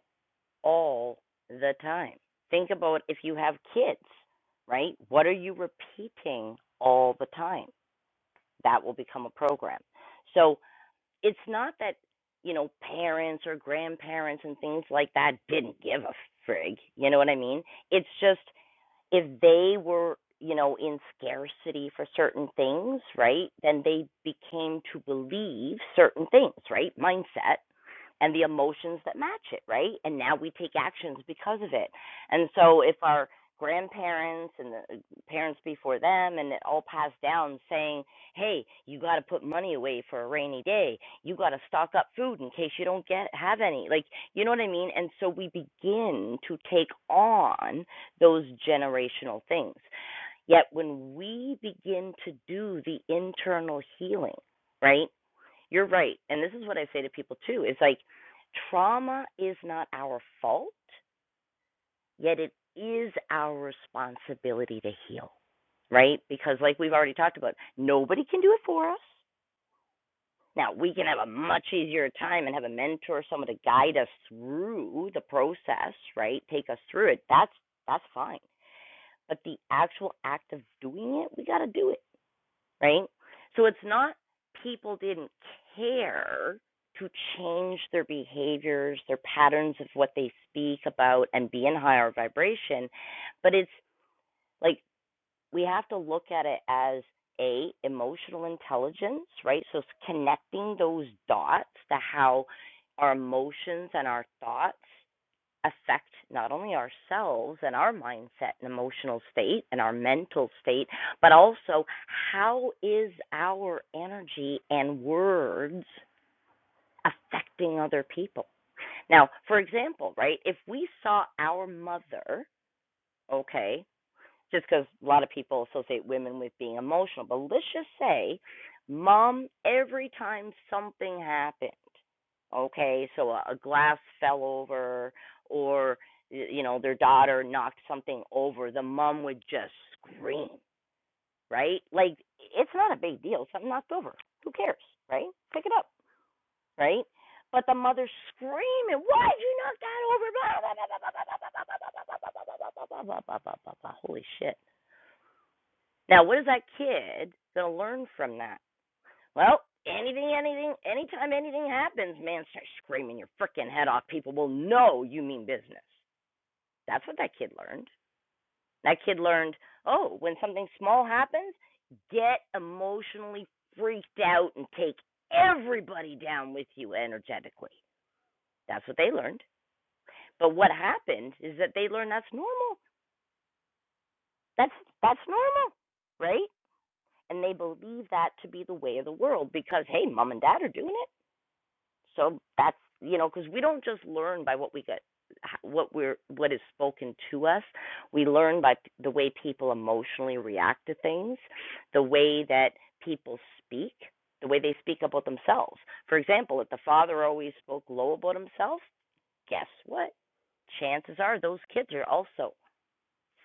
[SPEAKER 1] all the time. Think about if you have kids, right? What are you repeating all the time? That will become a program. So it's not that, you know, parents or grandparents and things like that didn't give a frig. You know what I mean? It's just if they were you know in scarcity for certain things right then they became to believe certain things right mindset and the emotions that match it right and now we take actions because of it and so if our grandparents and the parents before them and it all passed down saying hey you got to put money away for a rainy day you got to stock up food in case you don't get have any like you know what i mean and so we begin to take on those generational things. Yet when we begin to do the internal healing, right? You're right. And this is what I say to people too. It's like trauma is not our fault, yet it is our responsibility to heal, right? Because like we've already talked about, nobody can do it for us. Now, we can have a much easier time and have a mentor, someone to guide us through the process, right? Take us through it. That's that's fine. but the actual act of doing it, we got to do it, right? So it's not people didn't care to change their behaviors, their patterns of what they speak about and be in higher vibration, but it's like we have to look at it as a emotional intelligence, right? So it's connecting those dots to how our emotions and our thoughts affect not only ourselves and our mindset and emotional state and our mental state but also how is our energy and words affecting other people now for example right if we saw our mother okay just because a lot of people associate women with being emotional. But let's just say, mom, every time something happened, okay, so a, a glass fell over or, y- you know, their daughter knocked something over, the mom would just scream, right? Like, it's not a big deal. Something knocked over. Who cares, right? Pick it up, right? But the mother screaming, why'd you knock that over? Blah, blah, blah, blah, blah, blah, blah, blah, blah, blah, blah, blah, blah, blah, blah, blah, blah, blah, blah, blah. Holy shit now, what is that kid going to learn from that? Well, anything, anything, anytime anything happens, man, start screaming your freaking head off. People will know you mean business. That's what that kid learned. That kid learned, oh, when something small happens, get emotionally freaked out and take everybody down with you energetically. That's what they learned. But what happened is that they learned that's normal. That's that's normal, right? and they believe that to be the way of the world because hey mom and dad are doing it so that's you know because we don't just learn by what we get what we're what is spoken to us we learn by the way people emotionally react to things the way that people speak the way they speak about themselves for example if the father always spoke low about himself guess what chances are those kids are also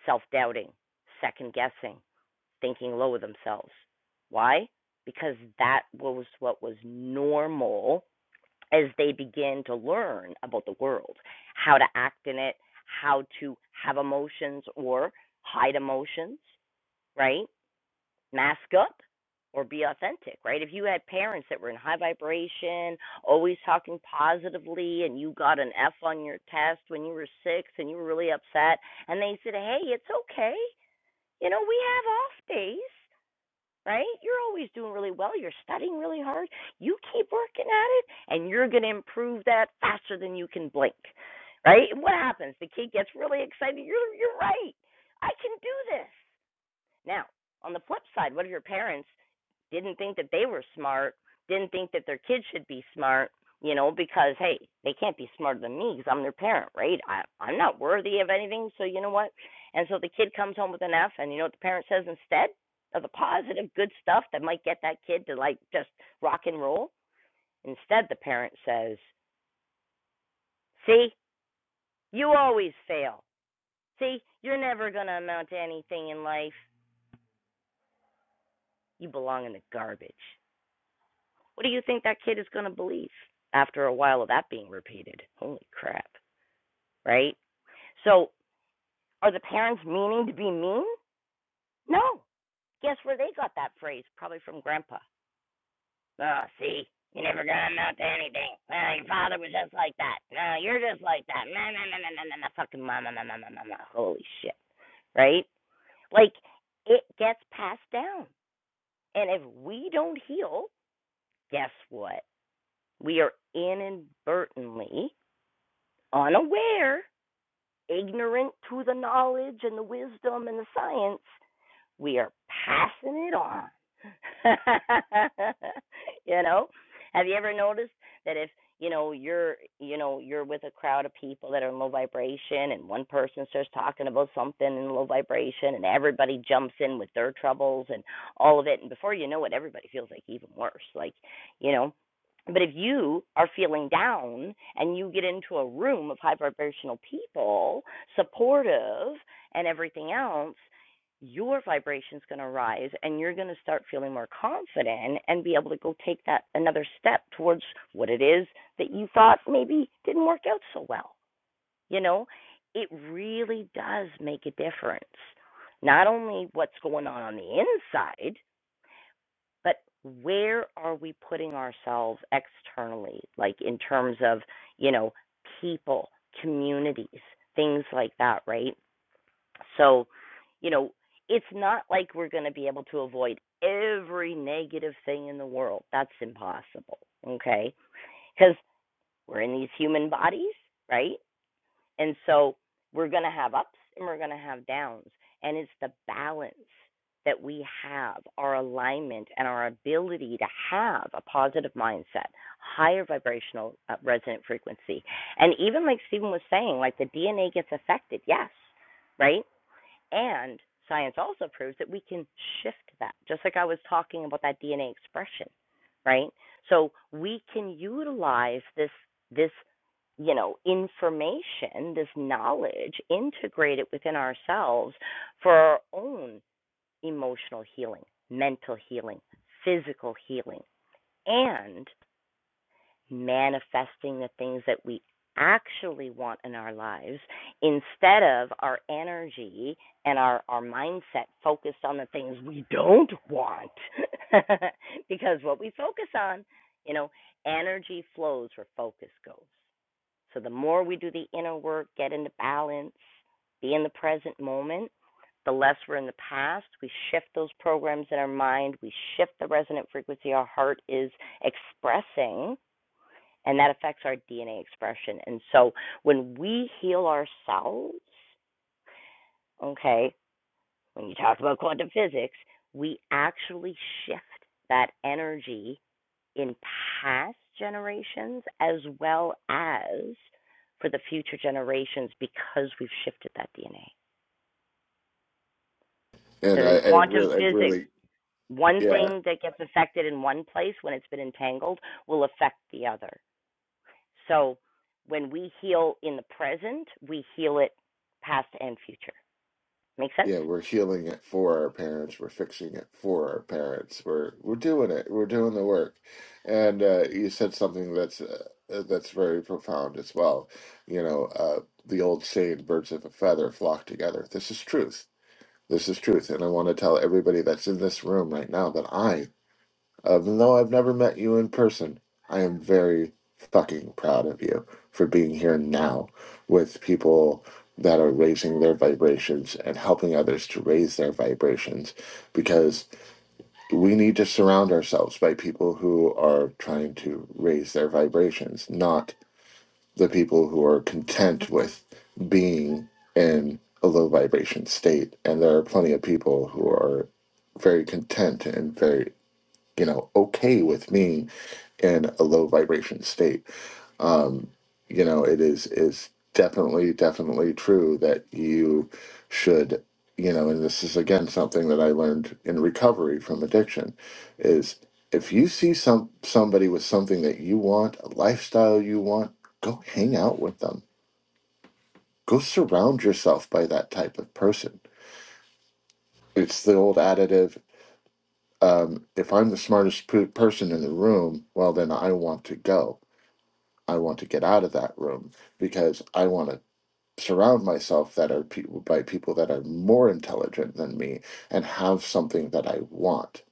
[SPEAKER 1] self doubting second guessing thinking low of themselves. Why? Because that was what was normal as they begin to learn about the world, how to act in it, how to have emotions or hide emotions, right? Mask up or be authentic, right? If you had parents that were in high vibration, always talking positively, and you got an F on your test when you were six and you were really upset, and they said, hey, it's okay. You know, we have off days right? You're always doing really well. You're studying really hard. You keep working at it, and you're going to improve that faster than you can blink, right? And what happens? The kid gets really excited. You're you're right. I can do this. Now, on the flip side, what if your parents didn't think that they were smart, didn't think that their kids should be smart, you know, because hey, they can't be smarter than me because I'm their parent, right? I, I'm not worthy of anything, so you know what? And so the kid comes home with an F, and you know what the parent says instead of the positive, good stuff that might get that kid to like just rock and roll. Instead, the parent says, "See, you always fail. See, you're never gonna amount to anything in life. You belong in the garbage." What do you think that kid is going to believe after a while of that being repeated? Holy crap, right? So, are the parents meaning to be mean? No. Guess where they got that phrase? Probably from grandpa. Ah, see, you never gonna amount to anything. Well, your father was just like that. No, you're just like that. No, no, no, no, no, no, no. Fucking mama, no, no, no, no, no. Holy shit, right? Like, it gets passed down. And if we don't heal, guess what? We are inadvertently unaware ignorant to the knowledge and the wisdom and the science we are passing it on. you know, have you ever noticed that if you know you're you know you're with a crowd of people that are in low vibration and one person starts talking about something in low vibration and everybody jumps in with their troubles and all of it and before you know it everybody feels like even worse like you know but if you are feeling down and you get into a room of high vibrational people, supportive and everything else, your vibration's going to rise and you're going to start feeling more confident and be able to go take that another step towards what it is that you thought maybe didn't work out so well. You know, it really does make a difference. Not only what's going on on the inside, but where are we putting ourselves externally, like in terms of, you know, people, communities, things like that, right? So, you know, it's not like we're going to be able to avoid every negative thing in the world. That's impossible. Okay. Because we're in these human bodies, right? And so we're going to have ups and we're going to have downs. And it's the balance that we have, our alignment and our ability to have a positive mindset, higher vibrational uh, resonant frequency. And even like Stephen was saying, like the DNA gets affected. Yes right? And science also proves that we can shift that, just like I was talking about that DNA expression, right? So we can utilize this this you know information, this knowledge, integrate it within ourselves for our own emotional healing, mental healing, physical healing, and manifesting the things that we actually want in our lives instead of our energy and our, our mindset focused on the things we don't want. because what we focus on, you know, energy flows where focus goes. So the more we do the inner work, get into balance, be in the present moment, the less we're in the past. We shift those programs in our mind, we shift the resonant frequency our heart is expressing and that affects our DNA expression. And so when we heal ourselves, okay, when you talk about quantum physics, we actually shift that energy in past generations as well as for the future generations because we've shifted that DNA.
[SPEAKER 3] And
[SPEAKER 1] Because
[SPEAKER 3] I,
[SPEAKER 1] in
[SPEAKER 3] I
[SPEAKER 1] quantum
[SPEAKER 3] really, I
[SPEAKER 1] physics,
[SPEAKER 3] really,
[SPEAKER 1] one
[SPEAKER 3] yeah.
[SPEAKER 1] thing that gets affected in one place when it's been entangled will affect the other. So when we heal in the present, we heal it past and future. Make sense?
[SPEAKER 3] Yeah, we're healing it for our parents. We're fixing it for our parents. We're we're doing it. We're doing the work. And uh, you said something that's uh, that's very profound as well. You know, uh, the old saying, "Birds of a feather flock together." This is truth. This is truth. And I want to tell everybody that's in this room right now that I even though I've never met you in person, I am very fucking proud of you for being here now with people that are raising their vibrations and helping others to raise their vibrations because we need to surround ourselves by people who are trying to raise their vibrations, not the people who are content with being in a low vibration state. And there are plenty of people who are very content and very, you know, okay with me in a low vibration state. Um, you know, it is is definitely definitely true that you should, you know, and this is again something that I learned in recovery from addiction is if you see some somebody with something that you want, a lifestyle you want, go hang out with them. Go surround yourself by that type of person. It's the old additive um, if I'm the smartest p- person in the room, well, then I want to go I want to get out of that room because I want to surround myself that are people by people that are more intelligent than me and have something that I want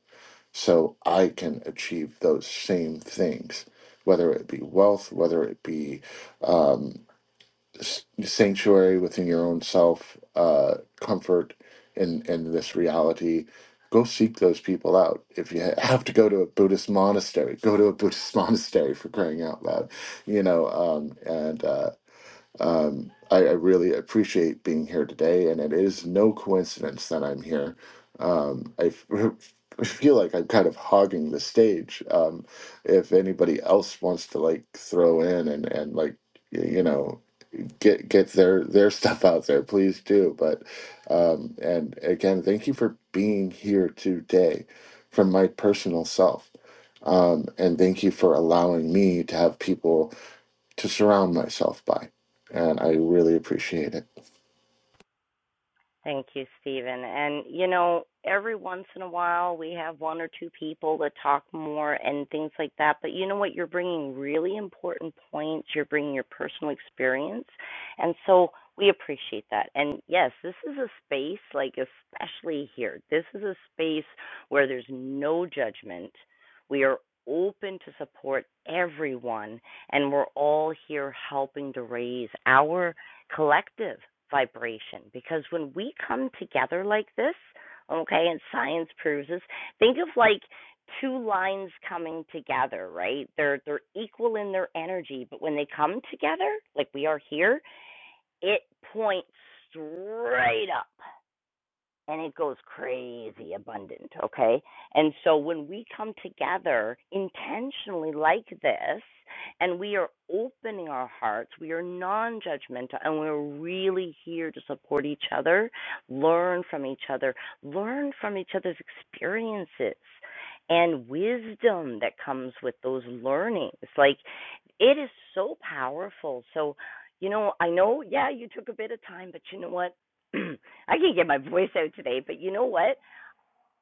[SPEAKER 3] so I can achieve those same things whether it be wealth whether it be um, s- sanctuary within your own self uh, comfort in in this reality go seek those people out if you ha- have to go to a buddhist monastery go to a buddhist monastery for crying out loud you know um, and uh, um, I, I really appreciate being here today, and it is no coincidence that I'm here. Um, I f- I feel like I'm kind of hogging the stage. Um, if anybody else wants to like throw in and and like y- you know get get their their stuff out there, please do. But um, and again, thank you for being here today, from my personal self, um, and thank you for allowing me to have people to surround myself by, and I really appreciate it.
[SPEAKER 1] Thank you, Stephen. And you know, every once in a while we have one or two people that talk more and things like that. But you know what? You're bringing really important points. You're bringing your personal experience, and so we appreciate that. And yes, this is a space like especially here. This is a space where there's no judgment. We are open to support everyone and we're all here helping to raise our collective vibration because when we come together like this, okay, and science proves this, think of like two lines coming together, right? They're they're equal in their energy, but when they come together, like we are here, it points straight up and it goes crazy abundant, okay? And so when we come together intentionally like this, and we are opening our hearts, we are non judgmental, and we're really here to support each other, learn from each other, learn from each other's experiences and wisdom that comes with those learnings. Like, it is so powerful. So, you know, I know, yeah, you took a bit of time, but you know what? I can't get my voice out today, but you know what?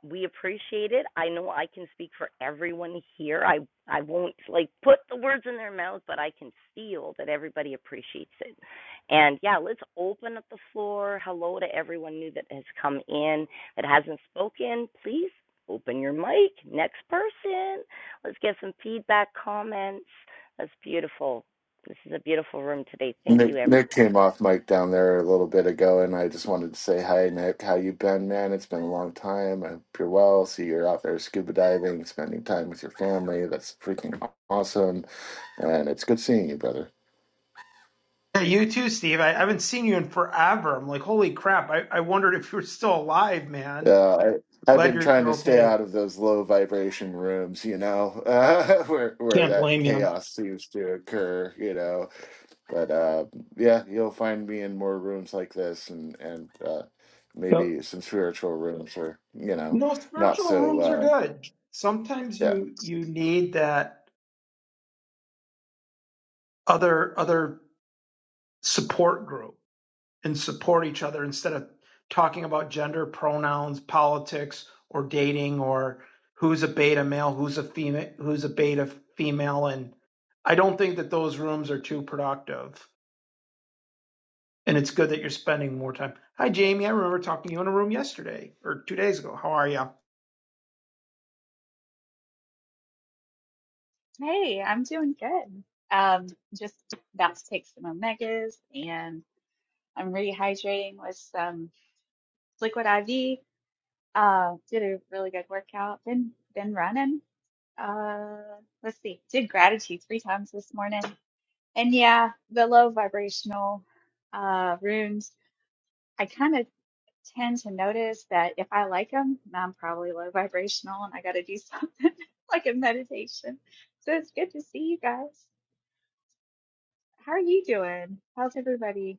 [SPEAKER 1] We appreciate it. I know I can speak for everyone here. I I won't like put the words in their mouth, but I can feel that everybody appreciates it. And yeah, let's open up the floor. Hello to everyone new that has come in that hasn't spoken. Please open your mic. Next person. Let's get some feedback, comments. That's beautiful. This is a beautiful room today. Thank you,
[SPEAKER 3] Nick,
[SPEAKER 1] everyone.
[SPEAKER 3] Nick came off mic down there a little bit ago, and I just wanted to say hi, Nick. How you been, man? It's been a long time. I hope you're well. See, you're out there scuba diving, spending time with your family. That's freaking awesome, and it's good seeing you, brother.
[SPEAKER 4] Yeah, you too, Steve. I, I haven't seen you in forever. I'm like, holy crap. I, I wondered if you were still alive, man.
[SPEAKER 3] Yeah, I, I've
[SPEAKER 4] Glad
[SPEAKER 3] been
[SPEAKER 4] you're
[SPEAKER 3] trying
[SPEAKER 4] you're
[SPEAKER 3] to stay
[SPEAKER 4] okay.
[SPEAKER 3] out of those low vibration rooms, you know, uh, where where
[SPEAKER 4] Can't
[SPEAKER 3] that
[SPEAKER 4] blame you.
[SPEAKER 3] chaos seems to occur, you know. But uh, yeah, you'll find me in more rooms like this, and and uh,
[SPEAKER 4] But,
[SPEAKER 3] maybe some spiritual rooms, or you know,
[SPEAKER 4] no,
[SPEAKER 3] not
[SPEAKER 4] spiritual
[SPEAKER 3] so.
[SPEAKER 4] rooms are
[SPEAKER 3] Uh,
[SPEAKER 4] good. Sometimes
[SPEAKER 3] yeah,
[SPEAKER 4] you you need that other other support group and support each other instead of talking about gender pronouns, politics, or dating, or who's a beta male, who's a female, who's a beta female, and I don't think that those rooms are too productive. And it's good that you're spending more time. Hi, Jamie. I remember talking to you in a room yesterday or two days ago. How are you?
[SPEAKER 5] Hey, I'm doing good. Um, just about to take some omegas and I'm rehydrating with some liquid IV. Uh, did a really good workout. Been been running. Uh, let's see. Did gratitude three times this morning. And yeah, the low vibrational uh rooms. I kind of tend to notice that if I like them, I'm probably low vibrational and I got to do something like a meditation. So it's good to see you guys. How are you doing? How's everybody?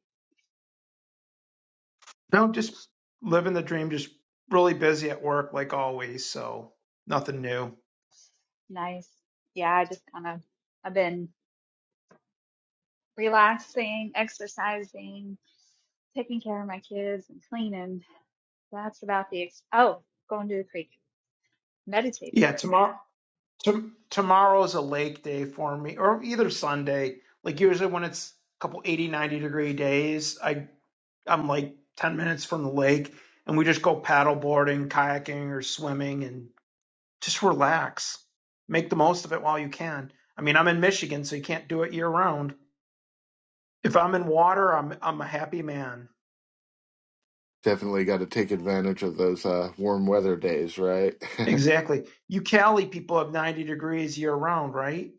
[SPEAKER 4] No, just living the dream, just really busy at work like always. So nothing new.
[SPEAKER 5] Nice. Yeah, I just kind of I've been relaxing, exercising, taking care of my kids and cleaning. That's about the ex- oh, going to the creek. Meditated
[SPEAKER 4] Yeah,
[SPEAKER 5] earlier.
[SPEAKER 4] tomorrow, tom tomorrow's a lake day for me or either Sunday. Like usually when it's a couple 80, 90 degree days, I, I'm like 10 minutes from the lake and we just go paddle boarding, kayaking or swimming. and. Just relax. Make the most of it while you can. I mean, I'm in Michigan, so you can't do it year round. If I'm in water, I'm I'm a happy man.
[SPEAKER 3] definitely got to take advantage of those uh, warm weather days, right?
[SPEAKER 4] Exactly. You Cali people have 90 degrees year round, right?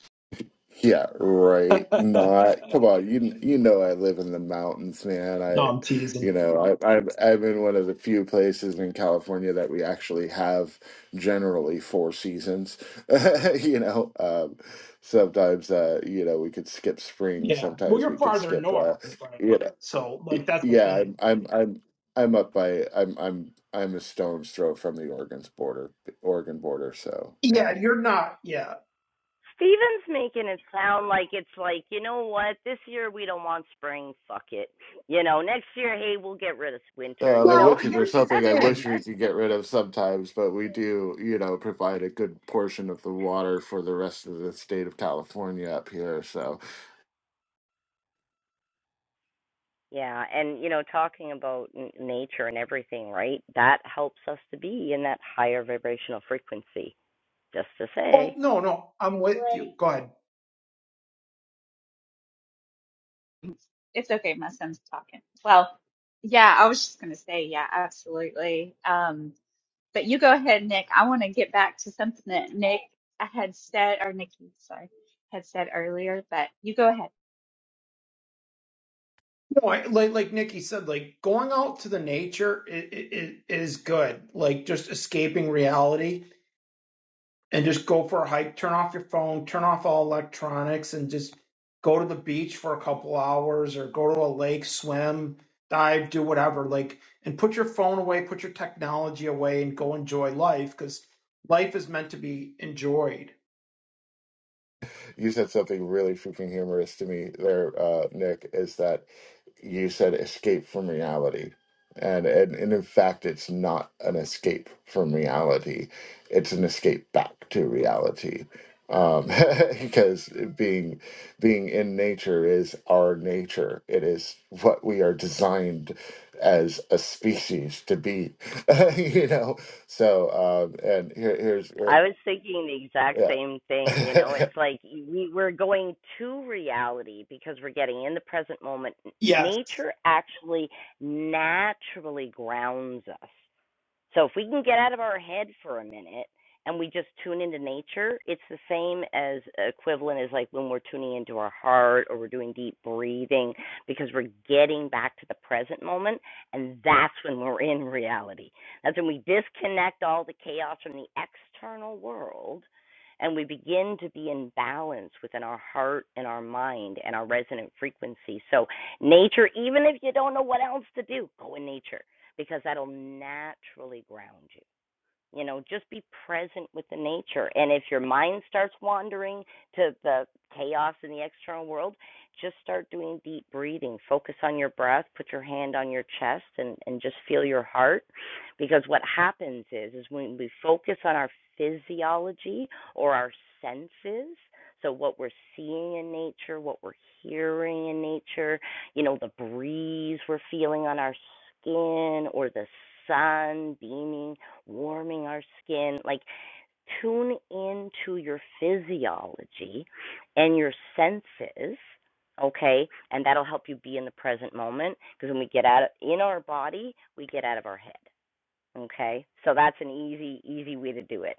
[SPEAKER 3] Yeah, right.
[SPEAKER 4] no,
[SPEAKER 3] Not come on. You you know I live in the mountains, man. I,
[SPEAKER 4] I'm
[SPEAKER 3] you
[SPEAKER 4] teasing.
[SPEAKER 3] know, I, I'm I'm in one of the few places in California that we actually have generally four seasons. You know, um, sometimes uh, you know we could skip spring.
[SPEAKER 4] Yeah. Well,
[SPEAKER 3] Sometimes we
[SPEAKER 4] you're
[SPEAKER 3] could
[SPEAKER 4] farther
[SPEAKER 3] skip.
[SPEAKER 4] north,
[SPEAKER 3] Uh, you
[SPEAKER 4] right?
[SPEAKER 3] know,
[SPEAKER 4] So,
[SPEAKER 3] y-
[SPEAKER 4] like, that's the
[SPEAKER 3] yeah. I'm
[SPEAKER 4] thing.
[SPEAKER 3] I'm I'm I'm up by I'm I'm I'm a stone's throw from the Oregon's border, Oregon border. So yeah.
[SPEAKER 4] Yeah, you're not. Yeah.
[SPEAKER 1] Steven's making it sound like it's like, you know what, this year we don't want spring, fuck it. You know, next year, hey, we'll get rid of winter,
[SPEAKER 3] uh,
[SPEAKER 1] you
[SPEAKER 3] the
[SPEAKER 1] know?
[SPEAKER 4] Well,
[SPEAKER 3] witches are
[SPEAKER 4] here's the
[SPEAKER 3] something I wish
[SPEAKER 4] thing.
[SPEAKER 3] we could get rid of sometimes, but we do, you know, provide a good portion of the water for the rest of the state of California up here. So,
[SPEAKER 1] yeah, and, you know, talking about n- nature and everything, right? That helps us to be in that higher vibrational frequency, just to say.
[SPEAKER 4] Well, no, no, I'm with you.
[SPEAKER 5] Great.
[SPEAKER 4] Go ahead.
[SPEAKER 5] It's okay, my son's talking. Well, yeah, I was just gonna say, yeah, absolutely. Um, but you go ahead, Nick. I want to get back to something that Nick had said or Nikki, sorry, had said earlier, but you go ahead.
[SPEAKER 4] No, I, like like Nikki said, like going out to the nature i i i is good. Like just escaping reality and just go for a hike. Turn off your phone. Turn off all electronics and just go to the beach for a couple hours or go to a lake, swim, dive, do whatever. Like and put your phone away, put your technology away, and go enjoy life because life is meant to be enjoyed.
[SPEAKER 3] You said something really freaking humorous to me there, uh, Nick, is that you said escape from reality. And, and and in fact it's not an escape from reality. It's an escape back to reality. Um, because being being in nature is our nature. It is what we are designed as a species to be. you know. So um and here, here's
[SPEAKER 1] I was thinking the exact same thing. You
[SPEAKER 3] yeah.
[SPEAKER 1] know, it's like we, we're going to reality because we're getting in the present moment.
[SPEAKER 4] Yes.
[SPEAKER 1] Nature actually naturally grounds us. So if we can get out of our head for a minute and we just tune into nature, it's the same as equivalent as like when we're tuning into our heart or we're doing deep breathing because we're getting back to the present moment and that's when we're in reality. That's when we disconnect all the chaos from the external world and we begin to be in balance within our heart and our mind and our resonant frequency. So nature, even if you don't know what else to do, go in nature because that'll naturally ground you. You know, just be present with the nature. And if your mind starts wandering to the chaos in the external world, just start doing deep breathing. Focus on your breath, put your hand on your chest and, and just feel your heart. Because what happens is is when we focus on our physiology or our senses, so what we're seeing in nature, what we're hearing in nature, you know, the breeze we're feeling on our skin or the sun beaming, warming our skin. Like, tune into your physiology and your senses, okay? And that'll help you be in the present moment because when we get out of, in our body, we get out of our head, okay? So that's an easy, easy way to do it.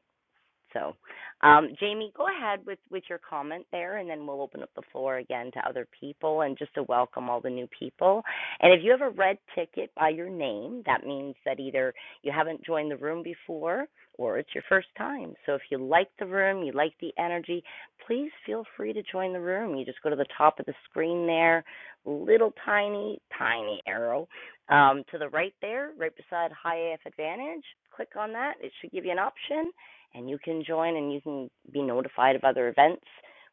[SPEAKER 1] So, um, Jamie, go ahead with, with your comment there, and then we'll open up the floor again to other people and just to welcome all the new people. And if you have a red ticket by your name, that means that either you haven't joined the room before or it's your first time. So, if you like the room, you like the energy, please feel free to join the room. You just go to the top of the screen there, little tiny, tiny arrow um, to the right there, right beside High AF Advantage. Click on that, it should give you an option and you can join and you can be notified of other events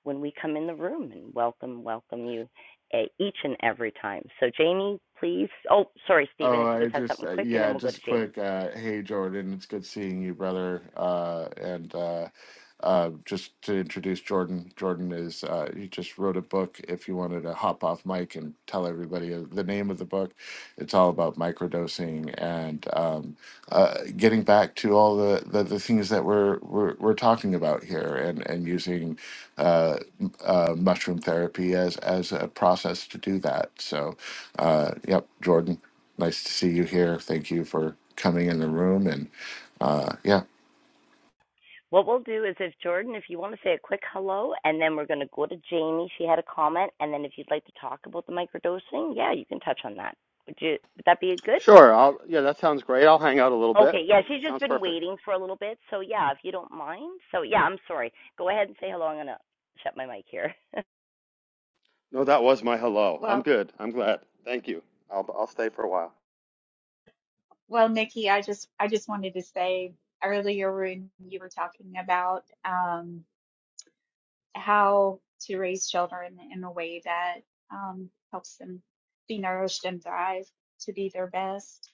[SPEAKER 1] when we come in the room and welcome welcome you uh, each and every time so jamie please oh sorry stephen
[SPEAKER 3] Oh,
[SPEAKER 1] if you
[SPEAKER 3] I
[SPEAKER 1] just had
[SPEAKER 3] just
[SPEAKER 1] something
[SPEAKER 3] uh,
[SPEAKER 1] quick and then
[SPEAKER 3] yeah,
[SPEAKER 1] we'll go to
[SPEAKER 3] just
[SPEAKER 1] jamie
[SPEAKER 3] quick. Uh, hey, Jordan, it's good seeing you, brother. Uh, and uh, uh, just to introduce Jordan, Jordan is uh, he just wrote a book. If you wanted to hop off mic and tell everybody uh, the name of the book, it's all about microdosing and um, uh, getting back to all the, the, the things that we're, we're we're talking about here, and and using uh, m- uh, mushroom therapy as as a process to do that. So, uh, yep, Jordan. Nice to see you here. Thank you for coming in the room. And uh, yeah,
[SPEAKER 1] what we'll do is if jordan if you want to say a quick hello and then we're going to go to jamie she had a comment and then if you'd like to talk about the microdosing yeah you can touch on that would you would that be good
[SPEAKER 6] Sure. I'll, yeah, that sounds great. I'll hang out a little bit.
[SPEAKER 1] okay yeah she's just
[SPEAKER 6] Sounds
[SPEAKER 1] been
[SPEAKER 6] perfect.
[SPEAKER 1] waiting for a little bit so yeah if you don't mind so yeah i'm sorry go ahead and say hello i'm going to shut my mic here
[SPEAKER 6] No, that was my hello. I'm
[SPEAKER 5] Well.
[SPEAKER 6] good. I'm glad. Thank you. I'll, I'll stay for a while.
[SPEAKER 5] Well, Nikki, I just I just wanted to say earlier when you were talking about um, how to raise children in a way that um, helps them be nourished and thrive to be their best.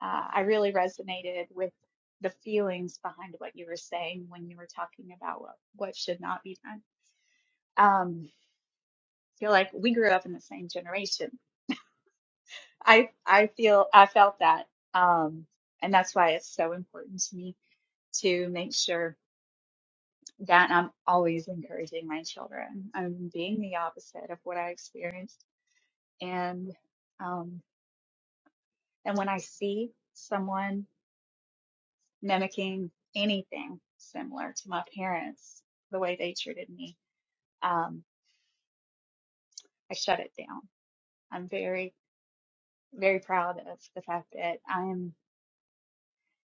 [SPEAKER 5] Uh, I really resonated with the feelings behind what you were saying when you were talking about what, what should not be done. Um, I feel like we grew up in the same generation. I I feel I felt that, um, and that's why it's so important to me to make sure. that I'm always encouraging my children. I'm being the opposite of what I experienced. And, um, and when I see someone mimicking anything similar to my parents, the way they treated me, um, I shut it down. I'm very, very proud of the fact that I'm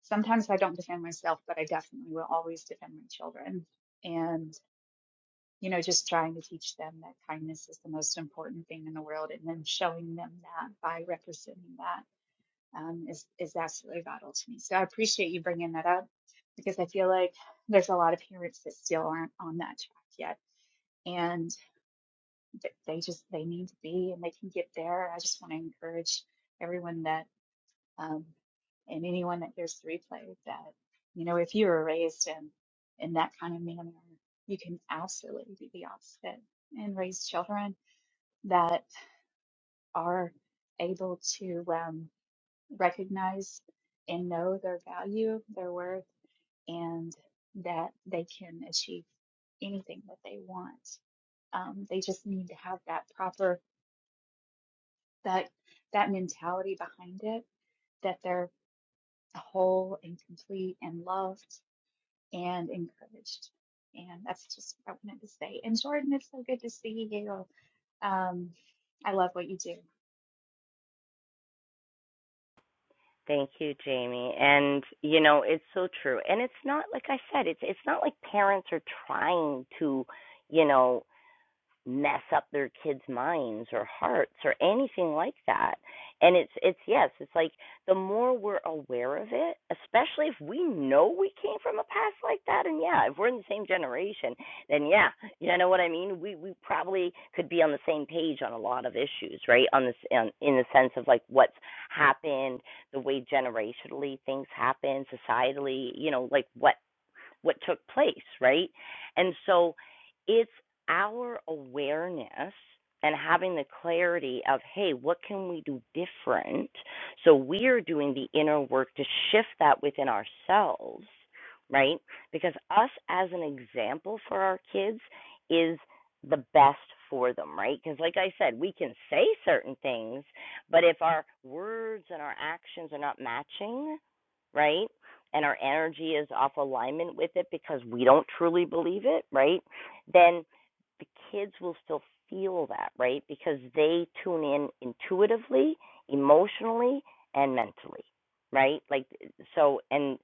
[SPEAKER 5] sometimes I don't defend myself, but I definitely will always defend my children. And. you know, just trying to teach them that kindness is the most important thing in the world, and then showing them that by representing that um, is is absolutely vital to me. So I appreciate you bringing that up because I feel like there's a lot of parents that still aren't on that track yet, and th- they just they need to be, and they can get there. I just want to encourage everyone that um, and anyone that hears the replay that you know if you were raised in in that kind of manner you can absolutely do the opposite and raise children that are able to um, recognize and know their value their worth and that they can achieve anything that they want um, they just need to have that proper that that mentality behind it that they're whole and complete and loved and encouraged. And that's just what I wanted to say. And Jordan, it's so good to see you. Um, I love what you do.
[SPEAKER 1] Thank you, Jamie. And you know, it's so true. And it's not like I said, it's it's not like parents are trying to, you know, mess up their kids' minds or hearts or anything like that. And it's it's yes, it's like the more we're aware of it, especially if we know we came from a past like that and yeah, if we're in the same generation, then yeah, you know what I mean? We we probably could be on the same page on a lot of issues, right? On this on, in the sense of like what's happened, the way generationally things happen, societally, you know, like what what took place, right? And so it's our awareness and having the clarity of, hey, what can we do different? So we're doing the inner work to shift that within ourselves, right? Because us as an example for our kids is the best for them, right? Because, like I said, we can say certain things, but if our words and our actions are not matching, right? and our energy is off alignment with it because we don't truly believe it, right? Then the kids will still feel that, right? Because they tune in intuitively, emotionally, and mentally, right? Like so and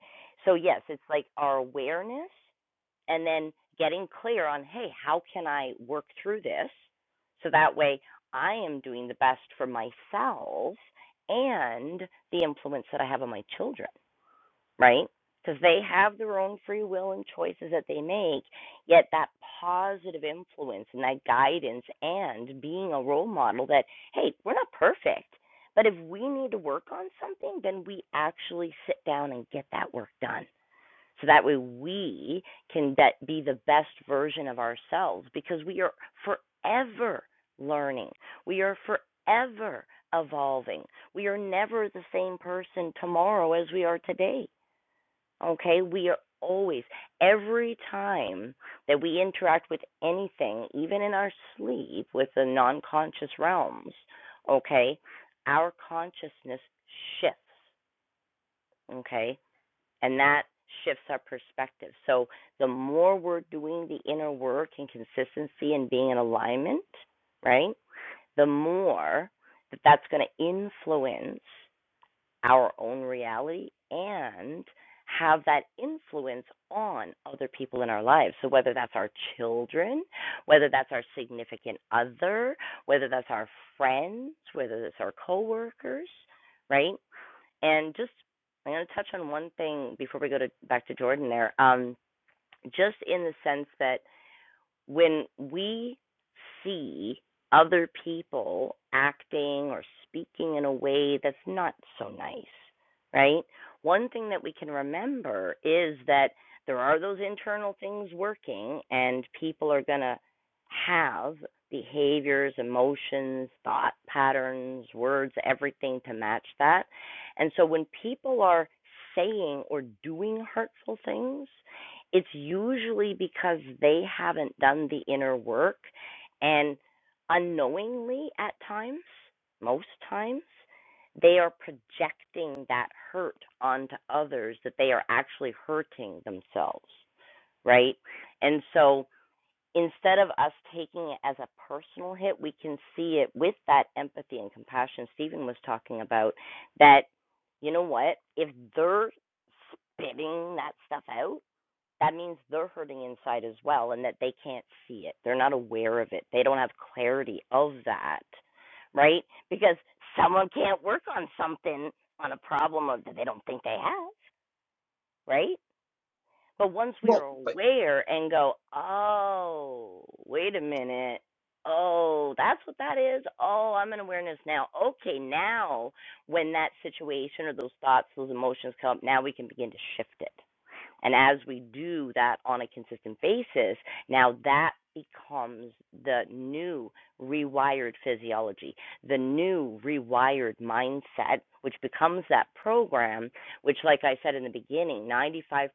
[SPEAKER 1] so yes, it's like our awareness and then getting clear on, hey, how can I work through this? So that way I am doing the best for myself and the influence that I have on my children right? Because they have their own free will and choices that they make, yet that positive influence and that guidance and being a role model that, hey, we're not perfect, but if we need to work on something, then we actually sit down and get that work done. So that way we can be the best version of ourselves because we are forever learning. We are forever evolving. We are never the same person tomorrow as we are today Okay, we are always, every time that we interact with anything, even in our sleep, with the non conscious realms, okay, our consciousness shifts, okay, and that shifts our perspective. So the more we're doing the inner work and consistency and being in alignment, right, the more that that's going to influence our own reality and have that influence on other people in our lives. So, whether that's our children, whether that's our significant other, whether that's our friends, whether that's our coworkers, right? And just, I'm going to touch on one thing before we go to, back to Jordan there, um, just in the sense that when we see other people acting or speaking in a way that's not so nice, right? One thing that we can remember is that there are those internal things working, and people are going to have behaviors, emotions, thought patterns, words, everything to match that. And so when people are saying or doing hurtful things, it's usually because they haven't done the inner work and unknowingly at times, most times, they are projecting that hurt onto others that they are actually hurting themselves, right? And so instead of us taking it as a personal hit, we can see it with that empathy and compassion Stephen was talking about that, you know what, if they're spitting that stuff out, that means they're hurting inside as well and that they can't see it. They're not aware of it. They don't have clarity of that, right? Because someone can't work on something on a problem that they don't think they have, right? But once we are
[SPEAKER 4] Well, but
[SPEAKER 1] aware and go, oh, wait a minute. Oh, that's what that is. Oh, I'm in awareness now. Okay, now when that situation or those thoughts, those emotions come up, now we can begin to shift it and as we do that on a consistent basis, now that becomes the new rewired physiology, the new rewired mindset, which becomes that program, which, like I said in the beginning, 95%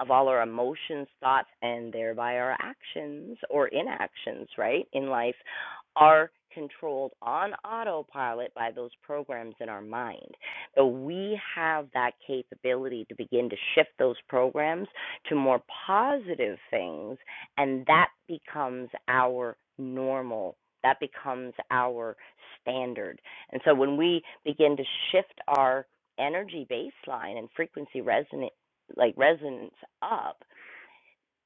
[SPEAKER 1] of all our emotions, thoughts, and thereby our actions or inactions, right, in life are controlled on autopilot by those programs in our mind. So we have that capability to begin to shift those programs to more positive things, and that becomes our normal. That becomes our standard. And so when we begin to shift our energy baseline and frequency resonate like resonance up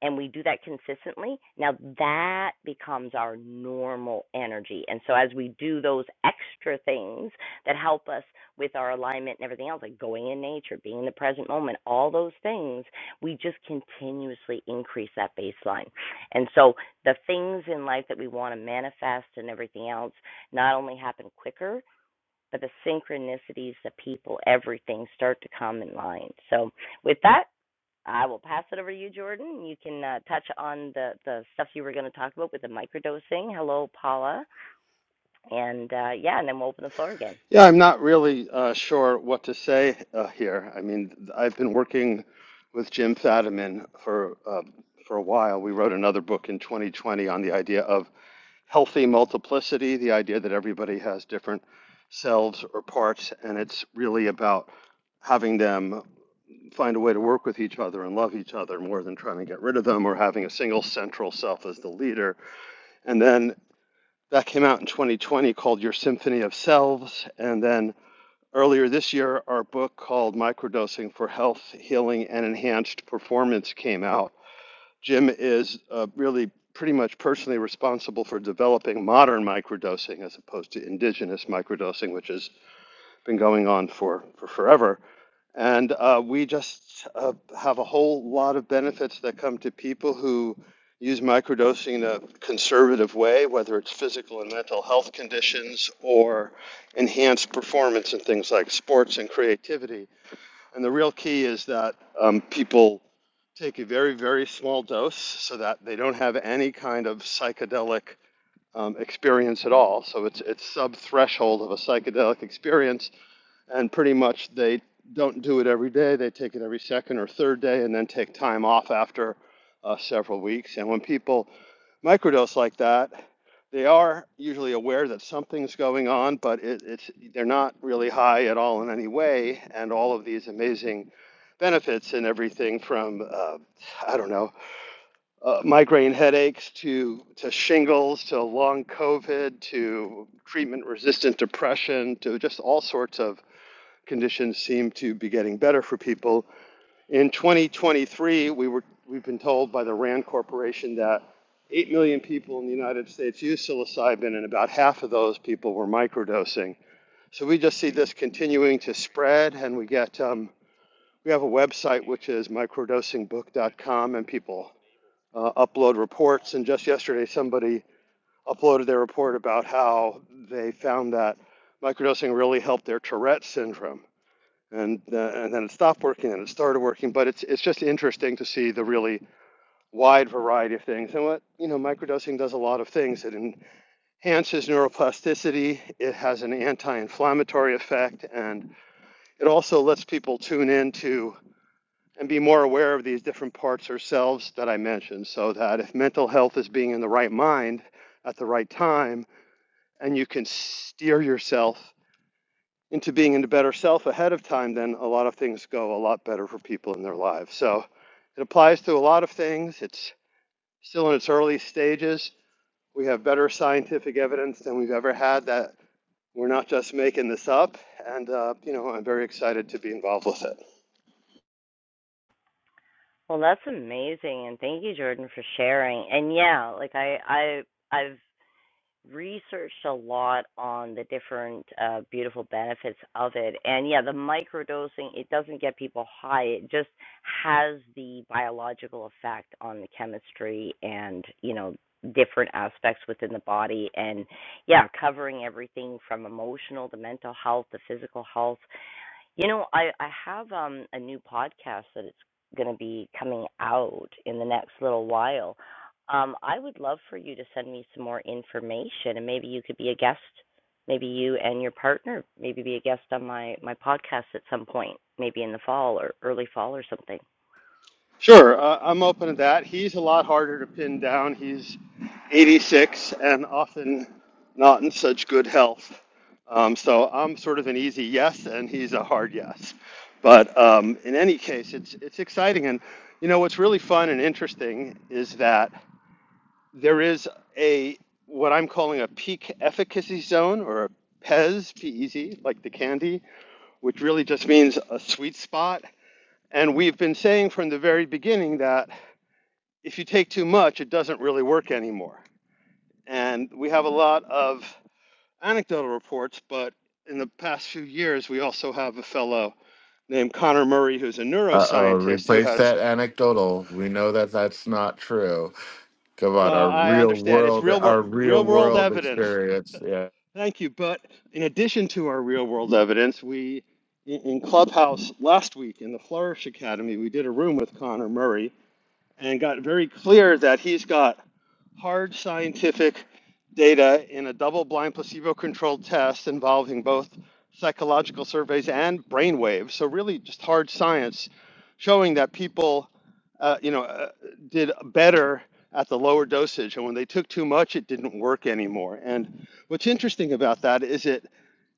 [SPEAKER 1] and we do that consistently, now that becomes our normal energy. And so as we do those extra things that help us with our alignment and everything else, like going in nature, being in the present moment, all those things, we just continuously increase that baseline. And so the things in life that we want to manifest and everything else not only happen quicker, but the synchronicities, the people, everything start to come in line. So with that, I will pass it over to you, Jordan. You can uh, touch on the, the stuff you were going to talk about with the microdosing. Hello, Paula. And uh, yeah, and then we'll open the floor again.
[SPEAKER 6] Yeah, I'm not really uh, sure what to say uh, here. I mean, I've been working with Jim Fadiman for uh, for a while. We wrote another book in 2020 on the idea of healthy multiplicity, the idea that everybody has different selves or parts, and it's really about having them. find a way to work with each other and love each other more than trying to get rid of them or having a single central self as the leader. And then that came out in 2020 called Your Symphony of Selves. And then earlier this year, our book called Microdosing for Health, Healing, and Enhanced Performance came out. Jim is uh, really pretty much personally responsible for developing modern microdosing as opposed to indigenous microdosing, which has been going on for, for forever and uh, we just uh, have a whole lot of benefits that come to people who use microdosing in a conservative way, whether it's physical and mental health conditions or enhanced performance in things like sports and creativity. And the real key is that um, people take a very, very small dose so that they don't have any kind of psychedelic um, experience at all. So it's, it's sub threshold of a psychedelic experience and pretty much they don't do it every day. They take it every second or third day, and then take time off after uh, several weeks. And when people microdose like that, they are usually aware that something's going on, but it, it's they're not really high at all in any way. And all of these amazing benefits and everything from uh, I don't know uh, migraine headaches to to shingles to long COVID to treatment resistant depression to just all sorts of conditions seem to be getting better for people. In 2023, we were we've been told by the RAND Corporation that 8 million people in the United States use psilocybin, and about half of those people were microdosing. So we just see this continuing to spread, and we get um, we have a website which is microdosingbook.com, and people uh, upload reports. And just yesterday, somebody uploaded their report about how they found that microdosing really helped their Tourette syndrome and uh, and then it stopped working and it started working. But it's it's just interesting to see the really wide variety of things. And what you know, microdosing does a lot of things. It enhances neuroplasticity. It has an anti-inflammatory effect, and it also lets people tune into and be more aware of these different parts ourselves that I mentioned. So that if mental health is being in the right mind at the right time, and you can steer yourself into being into better self ahead of time, then a lot of things go a lot better for people in their lives. So it applies to a lot of things. It's still in its early stages. We have better scientific evidence than we've ever had that we're not just making this up. And, uh, you know, I'm very excited to be involved with it.
[SPEAKER 1] Well, that's amazing. And thank you, Jordan, for sharing. And yeah, like I, I, I've researched a lot on the different uh, beautiful benefits of it. And yeah, the microdosing, it doesn't get people high. It just has the biological effect on the chemistry and, you know, different aspects within the body. And yeah, covering everything from emotional to mental health to physical health. You know, I I have um a new podcast that it's going to be coming out in the next little while. Um, I would love for you to send me some more information, and maybe you could be a guest. Maybe you and your partner maybe be a guest on my my podcast at some point, maybe in the fall or early fall or something.
[SPEAKER 6] Sure, uh, I'm open to that. He's a lot harder to pin down. He's 86 and often not in such good health. Um, so I'm sort of an easy yes, and he's a hard yes. But um, in any case, it's it's exciting, and you know what's really fun and interesting is that there is a what I'm calling a peak efficacy zone or a PEZ, PEZ, like the candy, which really just means a sweet spot. And we've been saying from the very beginning that if you take too much, it doesn't really work anymore. And we have a lot of anecdotal reports, but in the past few years, we also have a fellow named Connor Murray, who's a
[SPEAKER 3] uh oh,
[SPEAKER 6] neuroscientist, who
[SPEAKER 3] replace
[SPEAKER 6] has,
[SPEAKER 3] that anecdotal. We know that that's not true. Come on,
[SPEAKER 6] well,
[SPEAKER 3] our
[SPEAKER 6] I
[SPEAKER 3] real
[SPEAKER 6] understand it's
[SPEAKER 3] world,
[SPEAKER 6] real world,
[SPEAKER 3] our real
[SPEAKER 6] real world
[SPEAKER 3] world
[SPEAKER 6] evidence.
[SPEAKER 3] experience. Yeah.
[SPEAKER 6] Thank you. But in addition to our real world evidence, we in in Clubhouse last week in the Flourish Academy, we did a room with Connor Murray and got very clear that he's got hard scientific data in a double blind placebo controlled test involving both psychological surveys and brain waves. So, really, just hard science showing that people, uh, you know, uh, did better at the lower dosage. And when they took too much, it didn't work anymore. And what's interesting about that is it,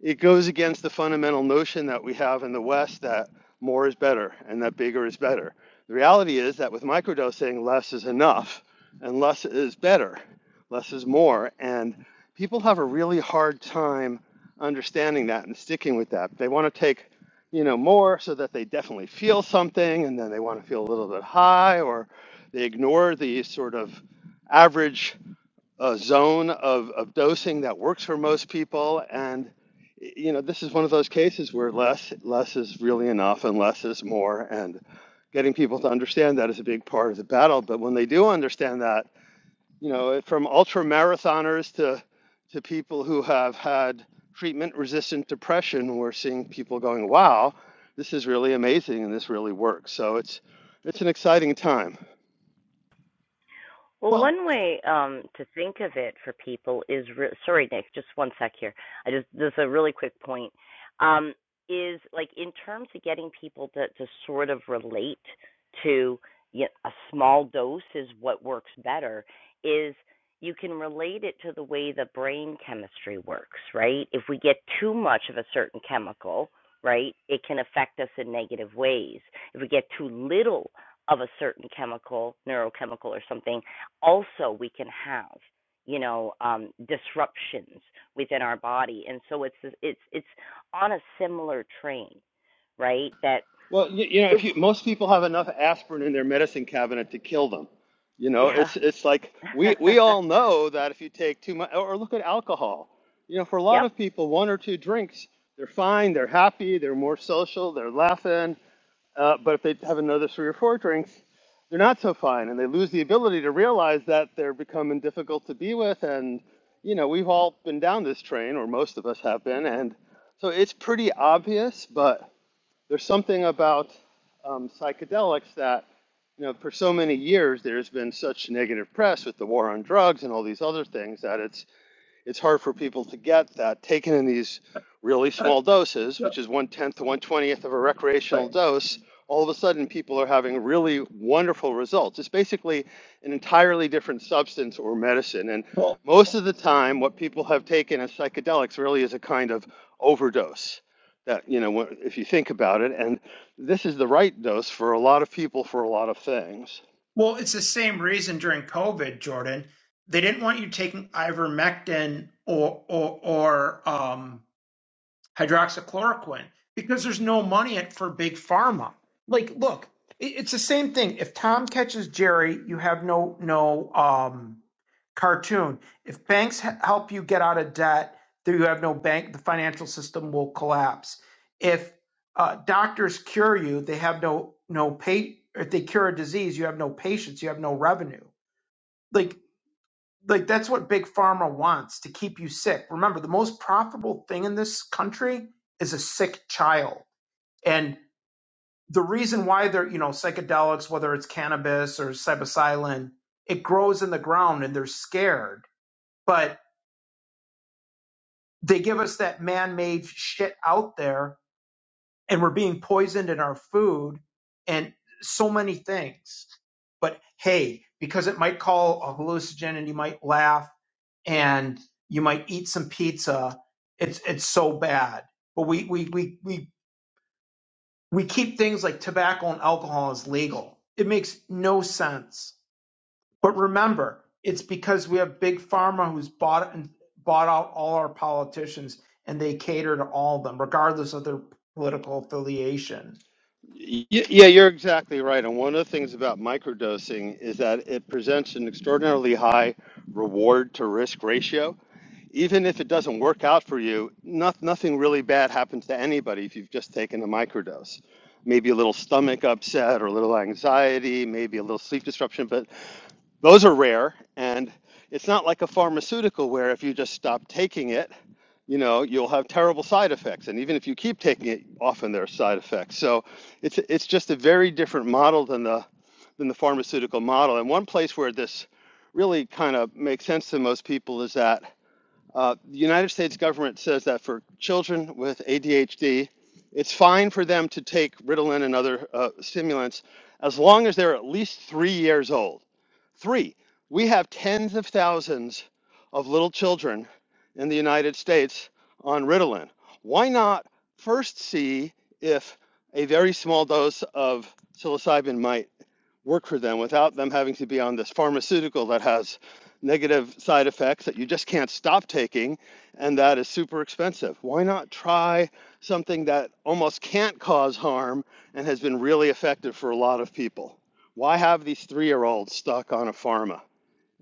[SPEAKER 6] it goes against the fundamental notion that we have in the West that more is better and that bigger is better. The reality is that with microdosing, less is enough and less is better, less is more. And people have a really hard time understanding that and sticking with that. They want to take, you know, more so that they definitely feel something, and then they want to feel a little bit high, or they ignore the sort of average uh, zone of, of dosing that works for most people. And you know, this is one of those cases where less less is really enough, and less is more, and getting people to understand that is a big part of the battle. But when they do understand that, you know, from ultra marathoners to to people who have had treatment resistant depression, we're seeing people going, "Wow, this is really amazing and this really works." So it's it's an exciting time.
[SPEAKER 1] Well,
[SPEAKER 4] well,
[SPEAKER 1] one way um, to think of it for people is re- sorry, Nick, just one sec here. I just this is a really quick point um, is like in terms of getting people to to sort of relate to you know, a small dose is what works better is you can relate it to the way the brain chemistry works, right? If we get too much of a certain chemical, right, it can affect us in negative ways. If we get too little of a certain chemical, neurochemical or something, also we can have, you know, um, disruptions within our body. And so it's it's it's on a similar train, right? That
[SPEAKER 6] Well, you, you know,
[SPEAKER 1] if
[SPEAKER 6] if you most people have enough aspirin in their medicine cabinet to kill them. You know,
[SPEAKER 1] yeah.
[SPEAKER 6] it's it's like we we all know that if you take too much or look at alcohol. You know, for a lot
[SPEAKER 1] yep.
[SPEAKER 6] of people, one or two drinks, they're fine, they're happy, they're more social, they're laughing, Uh, but if they have another three or four drinks, they're not so fine, and they lose the ability to realize that they're becoming difficult to be with. And you know, we've all been down this train, or most of us have been, and so it's pretty obvious. But there's something about um, psychedelics that you know, for so many years, there's been such negative press with the war on drugs and all these other things that it's it's hard for people to get that taken in these really
[SPEAKER 4] uh,
[SPEAKER 6] small doses,
[SPEAKER 4] uh,
[SPEAKER 6] which is one tenth to one twentieth of a recreational
[SPEAKER 4] but
[SPEAKER 6] dose. All of a sudden, people are having really wonderful results. It's basically an entirely different substance or medicine. And
[SPEAKER 4] well.
[SPEAKER 6] most of the time, what people have taken as psychedelics really is a kind of overdose. That, you know, wh- if you think about it, and this is the right dose for a lot of people for a lot of things.
[SPEAKER 4] Well, it's the same reason during COVID, Jordan. They didn't want you taking ivermectin or or, or um, hydroxychloroquine because there's no money at, for big pharma. Like, look, it, it's the same thing. If Tom catches Jerry, you have no no um, cartoon. If banks help you get out of debt, then you have no bank. The financial system will collapse. If uh, doctors cure you, they have no no pay. If they cure a disease, you have no patients. You have no revenue. Like like that's what big pharma wants to keep you sick. Remember, the most profitable thing in this country is a sick child. And the reason why they're you know psychedelics, whether it's cannabis or psilocybin, it grows in the ground, and they're scared. But they give us that man-made shit out there and we're being poisoned in our food and so many things but hey because it might call a hallucinogen and you might laugh and you might eat some pizza it's it's so bad but we we we we, we keep things like tobacco and alcohol as legal it makes no sense but remember, it's because we have big pharma who's bought and bought out all our politicians, and they cater to all of them, regardless of their political affiliation.
[SPEAKER 6] Y- Yeah, you're exactly right. And one of the things about microdosing is that it presents an extraordinarily high reward to risk ratio. Even if it doesn't work out for you, not, nothing really bad happens to anybody if you've just taken a microdose. Maybe a little stomach upset or a little anxiety, maybe a little sleep disruption, but those are rare, and it's not like a pharmaceutical where if you just stop taking it, you know, you'll have terrible side effects. And even if you keep taking it, often there are side effects. So it's it's just a very different model than the than the pharmaceutical model. And one place where this really kind of makes sense to most people is that uh, the United States government says that for children with ADHD, it's fine for them to take Ritalin and other uh, stimulants as long as they're at least three years old. Three, we have tens of thousands of little children in the United States on Ritalin. Why not first see if a very small dose of psilocybin might? work for them without them having to be on this pharmaceutical that has negative side effects that you just can't stop taking and that is super expensive. Why not try something that almost can't cause harm and has been really effective for a lot of people? Why have these three year olds stuck on a pharma?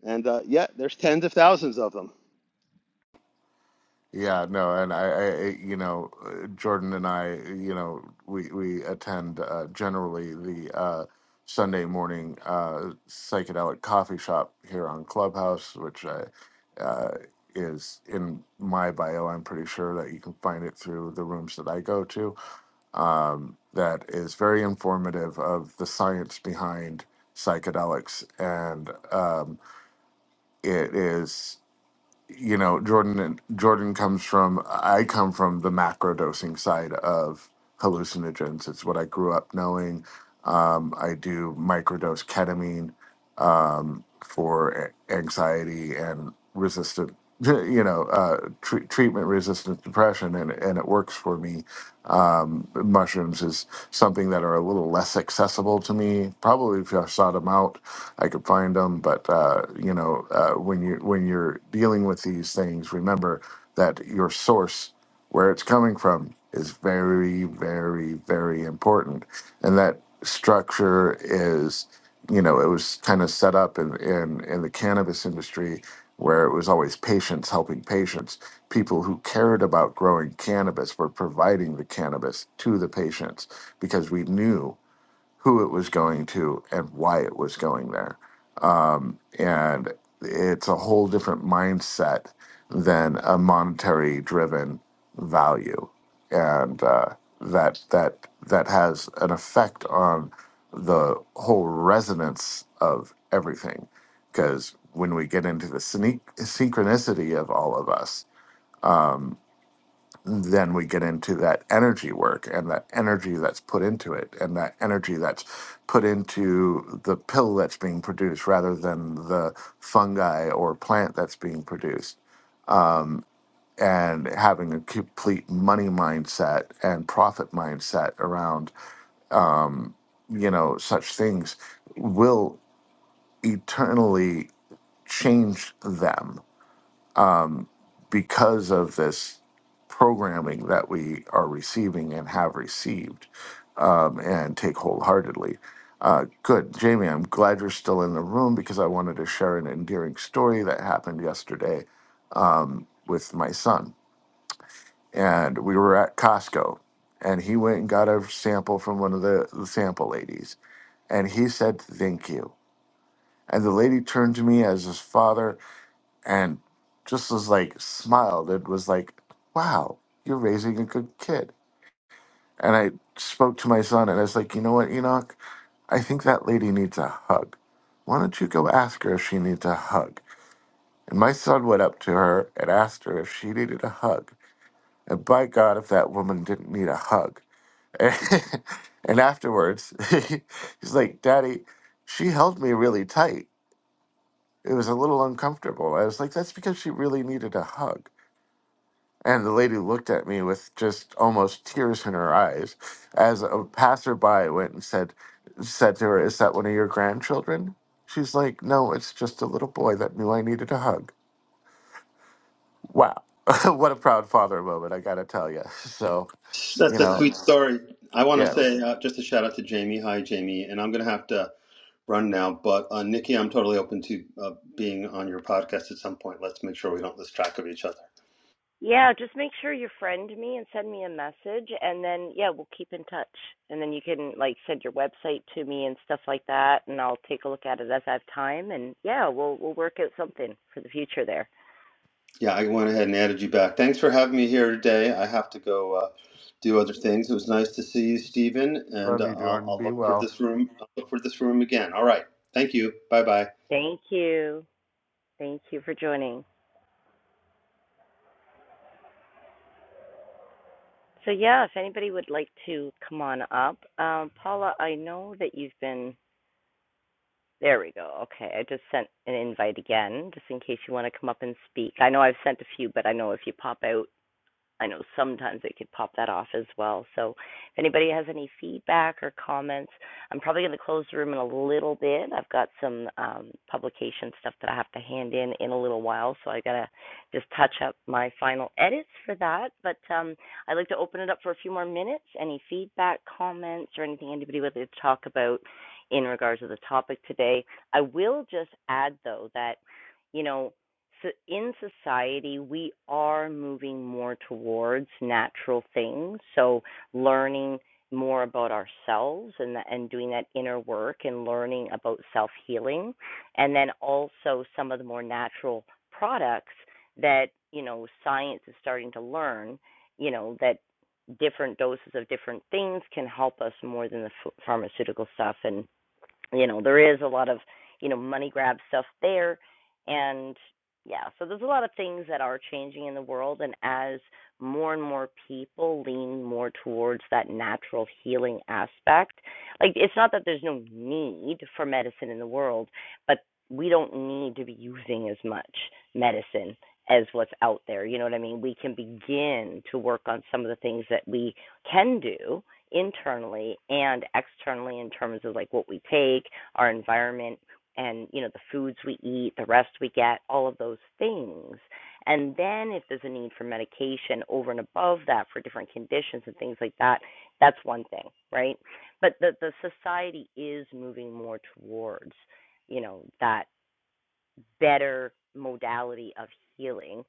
[SPEAKER 6] And uh, yet, there's tens of thousands of them.
[SPEAKER 3] Yeah, no, and I, I, I- you know, uh, Jordan and I, you know, we we attend uh, generally the uh, Sunday morning uh, psychedelic coffee shop here on Clubhouse, which uh, uh, is in my bio. I'm pretty sure that you can find it through the rooms that I go to. Um, that is very informative of the science behind psychedelics, and um, it is you know jordan and jordan comes from i come from the macro dosing side of hallucinogens it's what i grew up knowing um, i do microdose ketamine um, for a- anxiety and resistant you know uh, tre- treatment resistant depression and, and it works for me um, mushrooms something that are a little less accessible to me. Probably if I sought them out, I could find them. But uh, you know, uh, when you when you're dealing with these things, remember that your source, where it's coming from, is very, very, very important, and that structure is you know, it was kind of set up in, in, in the cannabis industry where it was always patients helping patients. People who cared about growing cannabis were providing the cannabis to the patients because we knew who it was going to and why it was going there and it's a whole different mindset than a monetary driven value and uh, that that that has an effect on the whole resonance of everything because when we get into the synch- synchronicity of all of us then we get into that energy work and that energy that's put into it and that energy that's put into the pill that's being produced rather than the fungi or plant that's being produced and having a complete money mindset and profit mindset around you know such things will eternally change them because of this programming that we are receiving and have received um, and take wholeheartedly. Uh, good. Jamie, I'm glad you're still in the room because I wanted to share an endearing story that happened yesterday um, with my son. And we were at Costco, and he went and got a sample from one of the, the sample ladies, and he said, Thank you. And the lady turned to me as his father and just was like, smiled It was like, Wow, you're raising a good kid. And I spoke to my son, and I was like, You know what, Enoch? I think that lady needs a hug. Why don't you go ask her if she needs a hug? And my son went up to her and asked her if she needed a hug. And by God, if that woman didn't need a hug. and afterwards, he's like, Daddy, she held me really tight. It was a little uncomfortable. I was like, That's because she really needed a hug. And the lady looked at me with just almost tears in her eyes as a passerby went and said, said to her, Is that one of your grandchildren? She's like, No, it's just a little boy that knew I needed a hug. Wow. what a proud father moment, I gotta tell you. So,
[SPEAKER 6] That's
[SPEAKER 3] you
[SPEAKER 6] a
[SPEAKER 3] know,
[SPEAKER 6] sweet story. I want to
[SPEAKER 3] yeah,
[SPEAKER 6] say uh, just a shout out to Jamie. Hi, Jamie. And I'm going to have to run now. Uh, Nikki, I'm uh, being on your podcast at some point. Let's make sure we don't leave each other.
[SPEAKER 1] Yeah, just make sure you friend me and send me a message and then yeah, we'll keep in touch. And then you can like send your website to me and stuff like that and I'll take a look at it as I have time and yeah, we'll we'll work out something for the future there.
[SPEAKER 6] Yeah, I went ahead and yeah, thanks for having me here today. I have to go uh, do other Stephen, and uh,
[SPEAKER 3] love you,
[SPEAKER 6] I'll,
[SPEAKER 3] Jordan.
[SPEAKER 6] I'll
[SPEAKER 3] Be
[SPEAKER 6] look for
[SPEAKER 3] well.
[SPEAKER 6] this room. I'll look for this room again. All right. Thank you. Bye bye.
[SPEAKER 1] Thank you. Thank you for joining. So, yeah, if anybody would like to come on up, um, Paula, I know that you've been. There we go. Okay, I just sent an invite again, just in case you want to come up and speak. I know I've sent a few, but I know if you pop out I know sometimes they could pop that off as well. So if anybody has any feedback or comments, I'm probably going to close the room in a little bit. I've got some um, publication stuff that I have to hand in in a little while, so I got to just touch up my final edits for that. But um, I'd like to open it up for a few more minutes. Any feedback, comments, or anything anybody would like to talk about in regards to the topic today? I will just add, though, that, you know, so in society, we are moving more towards natural things. So learning more about ourselves and and doing that inner work and learning about self healing, and then also some of the more natural products that you know science is starting to learn. You know that different doses of different things can help us more than the pharmaceutical stuff and you know there is a lot of you know money grab stuff there and yeah so there's a lot of things that are changing in the world and as more and more people lean more towards that natural healing aspect like it's not that there's no need for medicine in the world but we don't need to be using as much medicine as what's out there you know what i mean we can begin to work on some of the things that we can do internally and externally in terms of like what we take, our environment, and you know the foods we eat, the rest we get, all of those things. And then if there's a need for medication over and above that for different conditions and things like that, that's one thing, right? But the the society is moving more towards, you know, that better modality of healing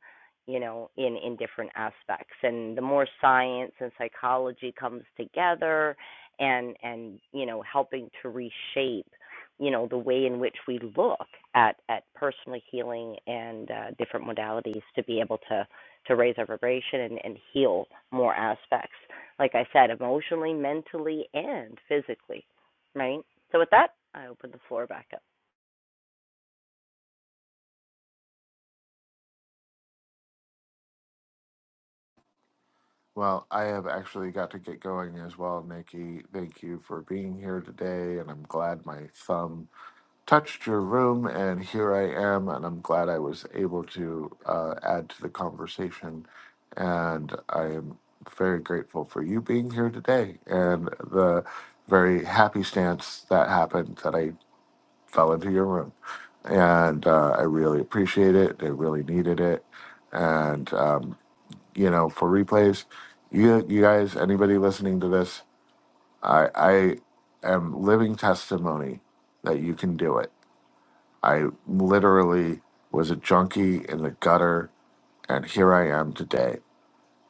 [SPEAKER 1] you know in in different aspects and the more science and psychology comes together and and you know helping to reshape you know the way in which we look at at personal healing and uh, different modalities to be able to to raise our vibration and, and heal more aspects like i said emotionally mentally and physically right so with that i open the floor back up
[SPEAKER 3] Well, I have actually got to get going as well, Nikki. Thank you for being here today. And I'm glad my thumb touched your room, and here I am, and I'm glad I was able to uh, add to the conversation. And I am very grateful for you being here today and the very happy stance that happened that I fell into your room. And uh, I really appreciate it. I really needed it. And, um, you know, for replays, you, you guys, anybody listening to this, I, I am living testimony that you can do it I literally was a junkie in the gutter, and here I am today.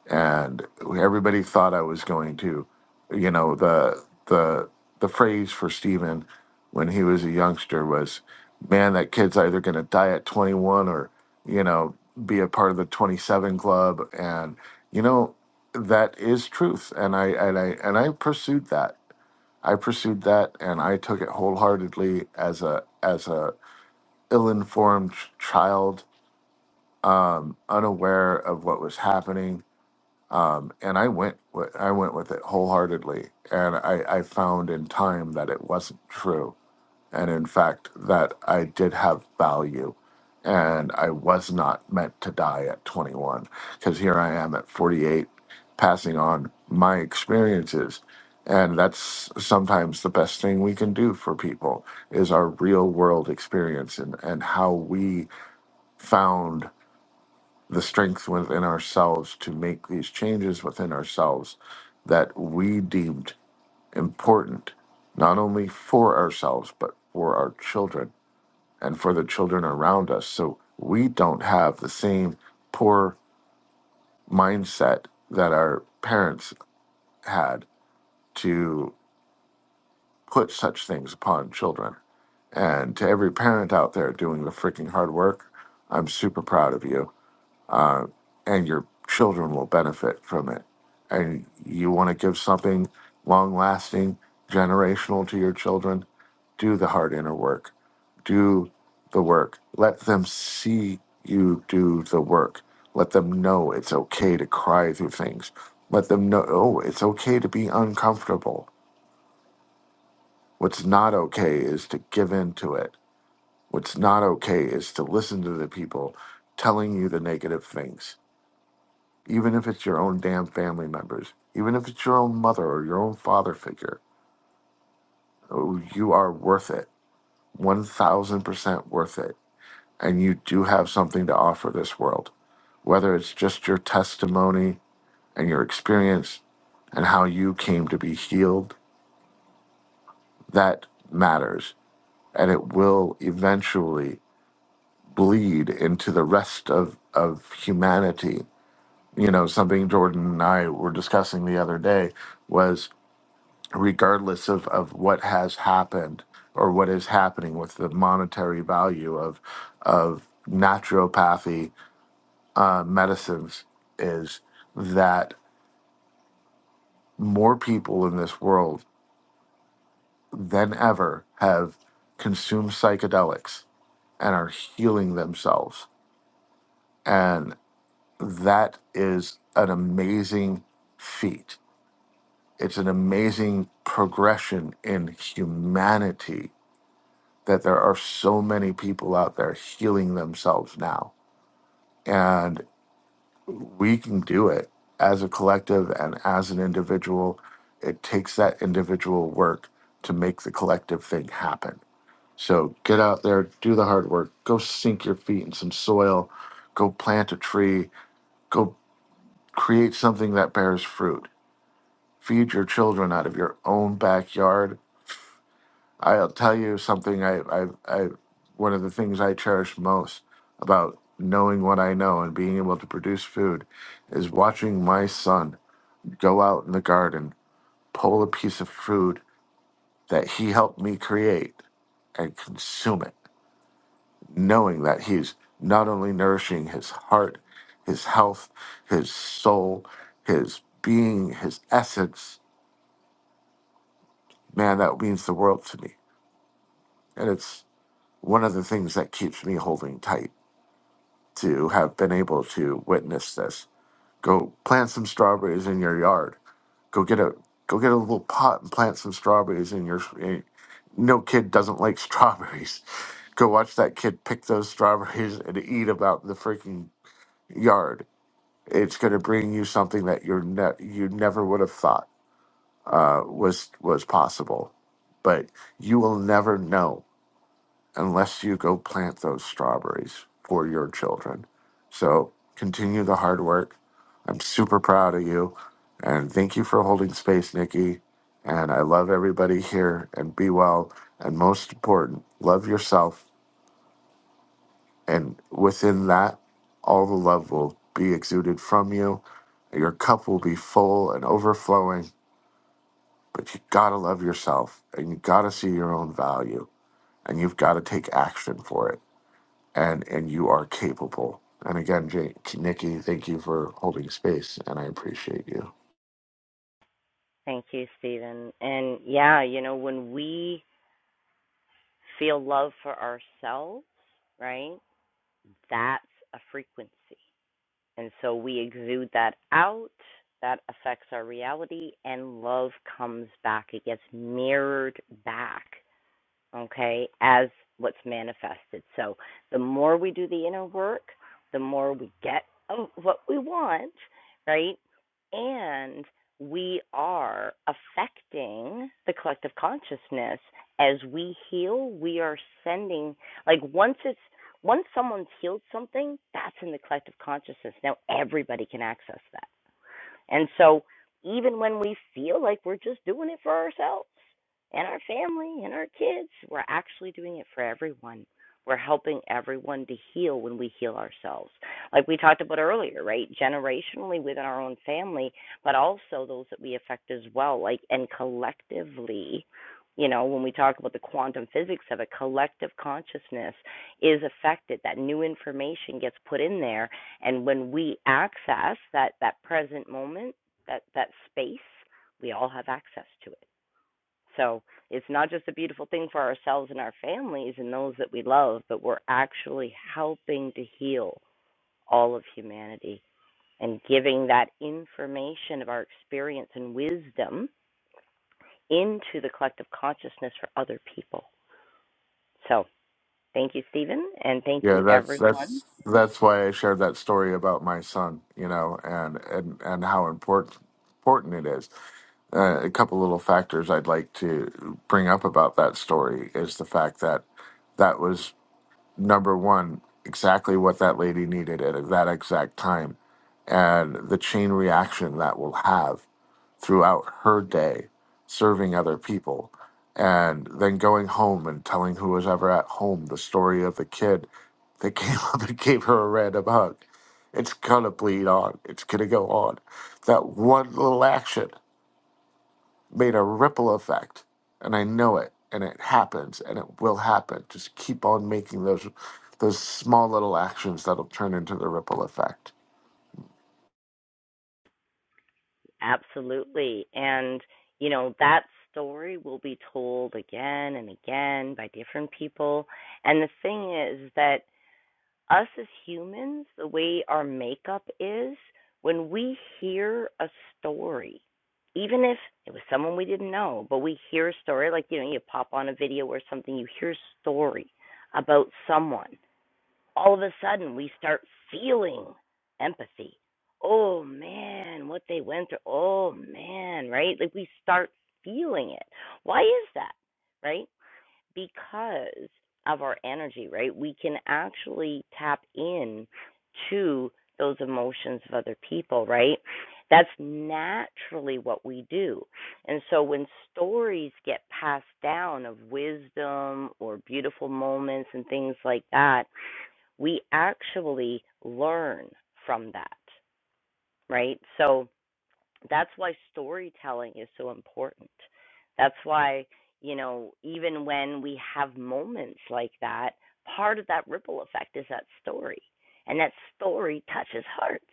[SPEAKER 3] And everybody thought I was going to, you know, the the the phrase for Steven when he was a youngster was, "Man, that kid's either going to die at 21 or, you know, be a part of the 27 club." And you know, that is truth. And I and I and I pursued that. I pursued that, and I took it wholeheartedly as a as a ill-informed child, um, unaware of what was happening, um, and I went with, I went with it wholeheartedly, and I, I found in time that it wasn't true, and in fact that I did have value, and I was not meant to die at 21, because here I am at 48, passing on my experiences. And that's sometimes the best thing we can do for people is our real world experience and, and how we found the strength within ourselves to make these changes within ourselves that we deemed important, not only for ourselves, but for our children and for the children around us. So we don't have the same poor mindset that our parents had to put such things upon children. And to every parent out there doing the freaking hard work, I'm super proud of you and your children will benefit from it. And you want to give something long lasting, generational to your children, do the hard inner work. Do the work. Let them see you do the work. Let them know it's okay to cry through things. Let them know, oh, it's okay to be uncomfortable. What's not okay is to give in to it. What's not okay is to listen to the people telling you the negative things even if it's your own damn family members, even if it's your own mother or your own father figure, oh, you are worth it. 1000% worth it. And you do have something to offer this world, whether it's just your testimony and your experience and how you came to be healed, that matters. And it will eventually bleed into the rest of, of humanity. You know, something Jordan and I were discussing the other day was regardless of, of what has happened or what is happening with the monetary value of of naturopathy uh, medicines is that more people in this world than ever have consumed psychedelics and are healing themselves and that is an amazing feat it's an amazing progression in humanity that there are so many people out there healing themselves now. And we can do it as a collective and as an individual. It takes that individual work to make the collective thing happen. So get out there, do the hard work, go sink your feet in some soil, go plant a tree, go create something that bears fruit. Feed your children out of your own backyard I'll tell you something. I, I, I, one of the things I cherish most about knowing what I know and being able to produce food is watching my son go out in the garden, pull a piece of food that he helped me create, and consume it, knowing that he's not only nourishing his heart, his health, his soul, his being, his essence. Man, that means the world to me, and it's one of the things that keeps me holding tight to have been able to witness this. Go plant some strawberries in your yard. Go get a go get a little pot and plant some strawberries in your. in- No kid doesn't like strawberries. Go watch that kid pick those strawberries and eat about the freaking yard. It's going to bring you something that you're ne- you never would have thought uh, was was possible, but you will never know unless you go plant those strawberries for your children. So continue the hard work. I'm super proud of you. And thank you for holding space, Nikki. And I love everybody here and be well. And most important, love yourself. And within that, all the love will be exuded from you. Your cup will be full and overflowing, but you gotta love yourself and you gotta see your own value and you've gotta take action for it and and you are capable. And again, Jay, Nikki, thank you for holding space, and I appreciate you.
[SPEAKER 1] Thank you, Stephen. And yeah, you know, when we feel love for ourselves, right, that's a frequency. And so we exude that out, that affects our reality, and love comes back. It gets mirrored back okay, as what's manifested. So the more we do the inner work, the more we get of what we want, right? And we are affecting the collective consciousness as we heal. We are sending, like, once it's once someone's healed something, that's in the collective consciousness. Now everybody can access that. And so, even when we feel like we're just doing it for ourselves and our family and our kids, we're actually doing it for everyone. We're helping everyone to heal when we heal ourselves. Like we talked about earlier, right? Generationally within our own family, but also those that we affect as well, like, and collectively. You know, when we talk about the quantum physics of it, collective consciousness is affected. That new information gets put in there and when we access that, that present moment, that, that space, we all have access to it. So it's not just a beautiful thing for ourselves and our families and those that we love, but we're actually helping to heal all of humanity and giving that information of our experience and wisdom into the collective consciousness for other people. So thank you, Stephen, and thank
[SPEAKER 3] Yeah,
[SPEAKER 1] you,
[SPEAKER 3] that's
[SPEAKER 1] everyone.
[SPEAKER 3] that's that's why I shared that story about my son, you know, and and and how important important it is. Uh, a couple little factors I'd like to bring up about that story is the fact that that was number one exactly what that lady needed at that exact time, and the chain reaction that will have throughout her day serving other people and then going home and telling who was ever at home the story of the kid that came up and gave her a random hug. It's gonna bleed on. It's gonna go on. That one little action made a ripple effect, and I know it, and it happens, and it will happen. Just keep on making those those small little actions that'll turn into the ripple effect.
[SPEAKER 1] Absolutely. And, you know, that story will be told again and again by different people. And the thing is that us as humans, the way our makeup is, when we hear a story, even if it was someone we didn't know, but we hear a story, like, you know, you pop on a video or something, you hear a story about someone all of a sudden we start feeling empathy. Oh man, what they went through. Oh man, right? Like we start feeling it. Why is that? Right? Because of our energy, right? We can actually tap in to those emotions of other people, right? That's naturally what we do. And so when stories get passed down of wisdom or beautiful moments and things like that, we actually learn from that, right? So that's why storytelling is so important. That's why, you know, even when we have moments like that, part of that ripple effect is that story. And that story touches hearts.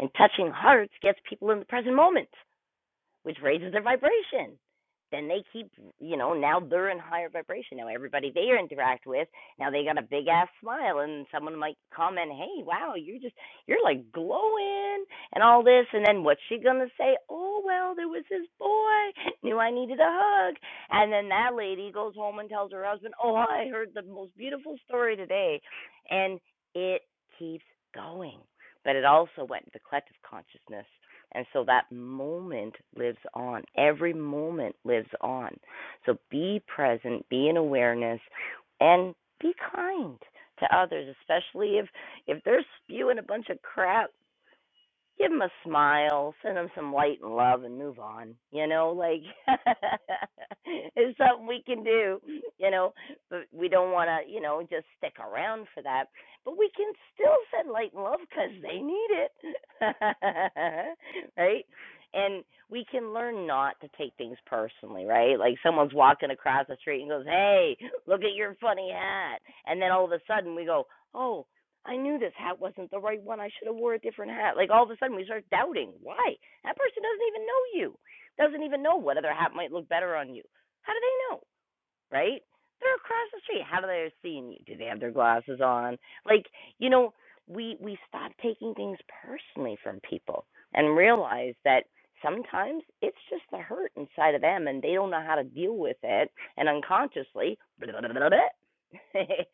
[SPEAKER 1] And touching hearts gets people in the present moment which raises their vibration. Then they keep, you know, now they're in higher vibration. Now everybody they interact with, now they got a big ass smile, and someone might comment, "Hey, wow, you're just you're like glowing and all this." And then what's she gonna say? Oh well, there was this boy knew I needed a hug, and then that lady goes home and tells her husband, "Oh, I heard the most beautiful story today," and it keeps going. But it also went into collective consciousness and so that moment lives on. Every moment lives on. So be present, be in awareness, and be kind to others, especially if if they're spewing a bunch of crap give them a smile, send them some light and love, and move on. You know, like it's something we can do. You know, but we don't want to, you know, just stick around for that. But we can still send light and love because they need it, right? And we can learn not to take things personally, right? Like someone's walking across the street and goes, "Hey, look at your funny hat," and then all of a sudden we go, "Oh." I knew this hat wasn't the right one. I should have wore a different hat. Like all of a sudden we start doubting. Why? That person doesn't even know you. Doesn't even know what other hat might look better on you. How do they know? right? They're across the street. How do they seeing you? Do they have their glasses on? Like, you know, we we stop taking things personally from people and realize that sometimes it's just the hurt inside of them and they don't know how to deal with it and unconsciously blah, blah, blah, blah, it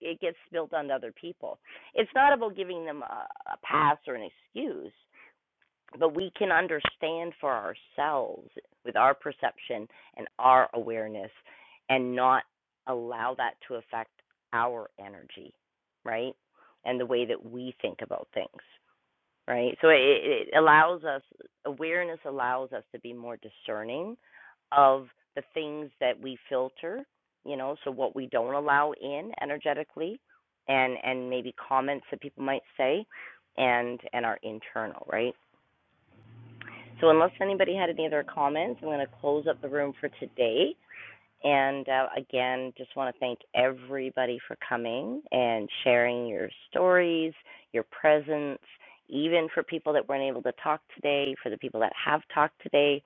[SPEAKER 1] it gets spilled onto other people. It's not about giving them a, a pass or an excuse but we can understand for ourselves with our perception and our awareness and not allow that to affect our energy, right? And the way that we think about things, right? So it, it allows us, awareness allows us to be more discerning of the things that we filter, you know, so what we don't allow in energetically and and maybe comments that people might say and and our internal, right? So unless anybody had any other comments, I'm going to close up the room for today. And uh, again, just want to thank everybody for coming and sharing your stories, your presence, even for people that weren't able to talk today, for the people that have talked today,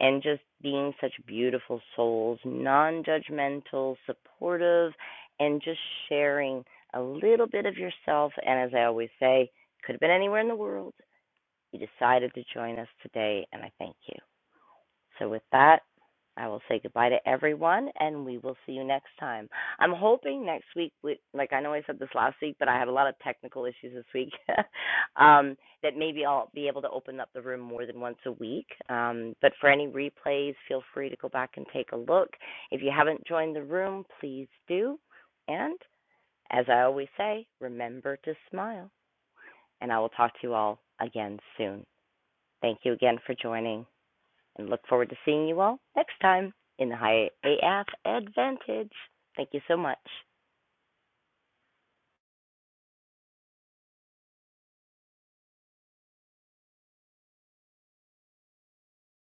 [SPEAKER 1] and just being such beautiful souls, non judgmental, supportive, and just sharing a little bit of yourself. And as I always say, could have been anywhere in the world you decided to join us today, and I thank you. So, with that, I will say goodbye to everyone, and we will see you next time. I'm hoping next week, we, like I know I said this last week, but I had a lot of technical issues this week, um, that maybe I'll be able to open up the room more than once a week. Um, but for any replays, feel free to go back and take a look. If you haven't joined the room, please do. And as I always say, remember to smile, and I will talk to you all again soon. Thank you again for joining and look forward to seeing you all next time in the High AF Advantage. Thank you so much.